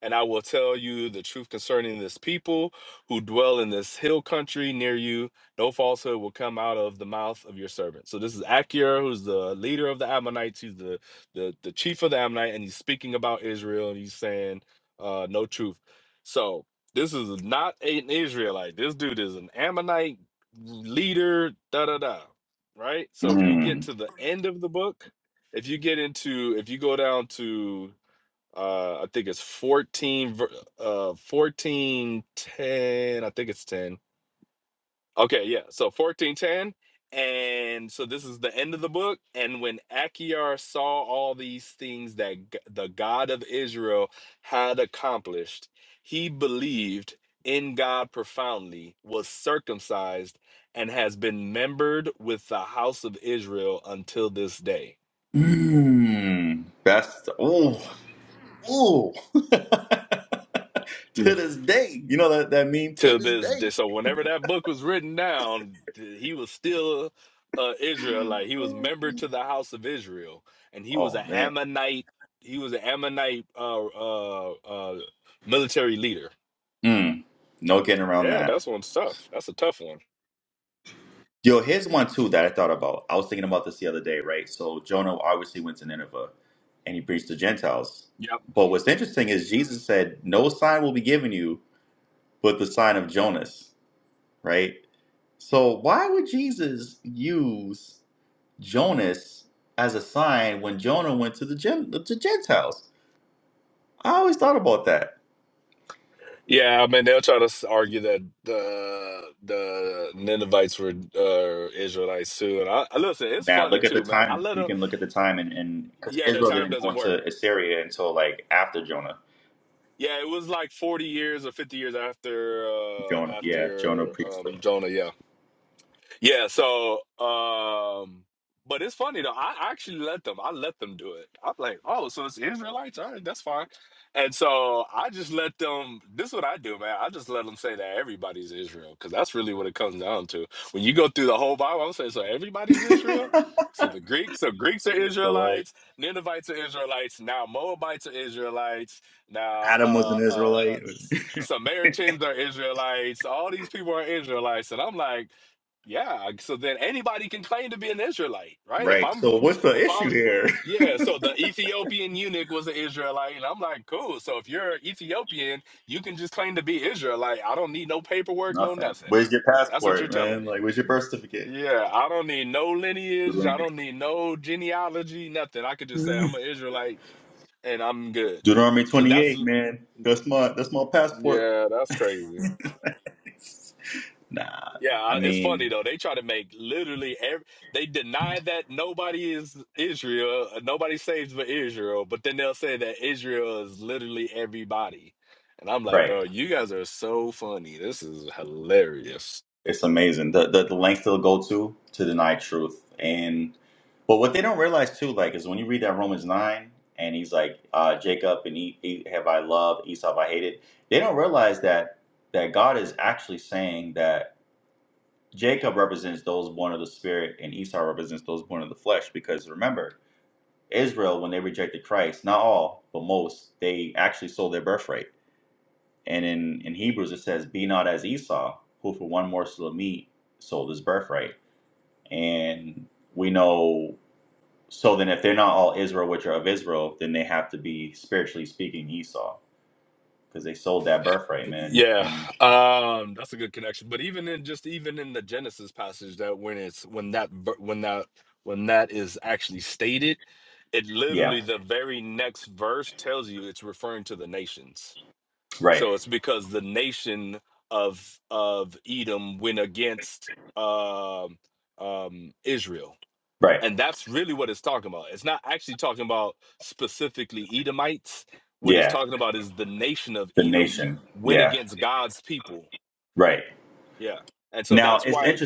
Speaker 3: And I will tell you the truth concerning this people who dwell in this hill country near you. No falsehood will come out of the mouth of your servant. So this is Achior, who's the leader of the Ammonites. He's the the, the chief of the Ammonite, and he's speaking about Israel, and he's saying uh, no truth. So this is not an Israelite. This dude is an Ammonite leader. Da da da. Right. So if you get to the end of the book, if you get into, if you go down to uh i think it's 14 ver- uh 14 10. i think it's 10 okay yeah so fourteen ten, and so this is the end of the book and when achior saw all these things that G- the god of israel had accomplished he believed in god profoundly was circumcised and has been membered with the house of israel until this day
Speaker 1: Yeah.
Speaker 3: to this day. So whenever that book was written down, th- he was still uh Israel, like he was member to the house of Israel, and he was an Ammonite. He was an Ammonite uh, uh, uh, military leader. Yeah, that's one's tough. That's a tough one. Yep. Yeah, I mean they'll try to s- argue that the the Ninevites were uh, Israelites too, and I I- listen. It's funny too, man. I let them. Yeah, the time doesn't work. Yeah, it was like 40 years or 50 years after uh after um Jonah, yeah. Yeah, so um but it's funny though. I I actually let them. I let them do it. I'm like, oh, so it's Israelites. All right, that's fine. And so I just let them. This is what I do, man. I just let them say that everybody's Israel because that's really what it comes down to. When you go through the whole Bible, I'm saying so everybody's Israel. So the Greeks, so Greeks are Israelites. Ninevites are Israelites. Now Moabites are Israelites. Now uh, uh, uh, S- Samaritans are Israelites. All these people are Israelites, and I'm like. Yeah, so then anybody can claim to be an Israelite, right? If I'm, if I'm, yeah. So the Ethiopian eunuch was an Israelite, and I'm like, cool. So if you're Ethiopian, you can just claim to be Israelite. I don't need no paperwork, no nothing. That's what you're telling me. Yeah, I don't need no lineage. I don't need no genealogy, nothing. I could just say I'm an Israelite and I'm good. Cause that's yeah, that's crazy. Yeah, it's funny though. They try to make literally every. They deny that nobody is Israel, uh, nobody saves but Israel, but then they'll say that Israel is literally everybody. And I'm like, bro, you guys are so funny. This is hilarious. Yeah, um, that's a good connection. But even in just even in the Genesis passage, that when it's when that ver- when that when that is actually stated, it literally the very next verse tells you it's referring to the nations. So it's because the nation of of Edom went against um um, Israel, and that's really what it's talking about. It's not actually talking about specifically Edomites. What it's talking about is the nation of Edom went against God's people. Yeah, and so that's why.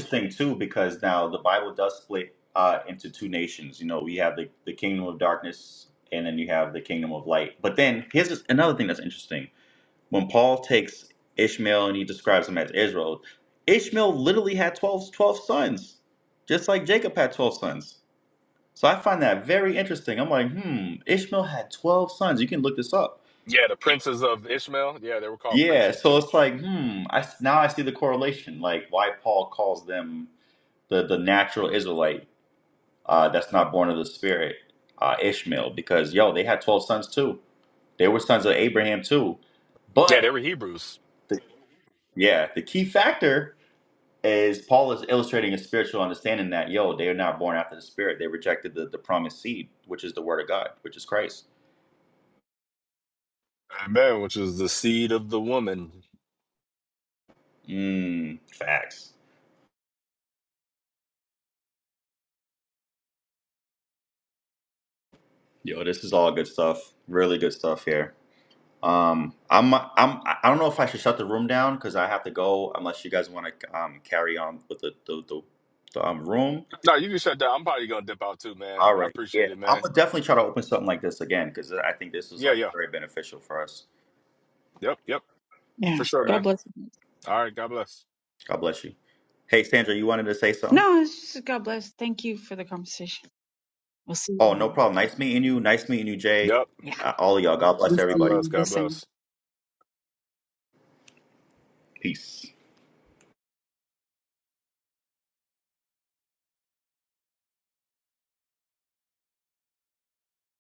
Speaker 3: Yeah, the princes of Ishmael. Yeah, they were called princes too. Yeah, they were Hebrews. Amen. Which is the seed of the woman. No, you can shut down. I'm probably gonna dip out too, man. I appreciate it, man. Yeah, yeah. Yep, yep.
Speaker 2: Yeah.
Speaker 3: For sure,
Speaker 2: God
Speaker 3: man.
Speaker 2: bless.
Speaker 3: All right. God bless.
Speaker 2: No, it's just God bless. Thank you for the conversation. We'll see you. tomorrow.
Speaker 3: Yep.
Speaker 2: Yeah. We'll see
Speaker 3: God bless.
Speaker 2: you the
Speaker 3: God
Speaker 2: same.
Speaker 3: bless.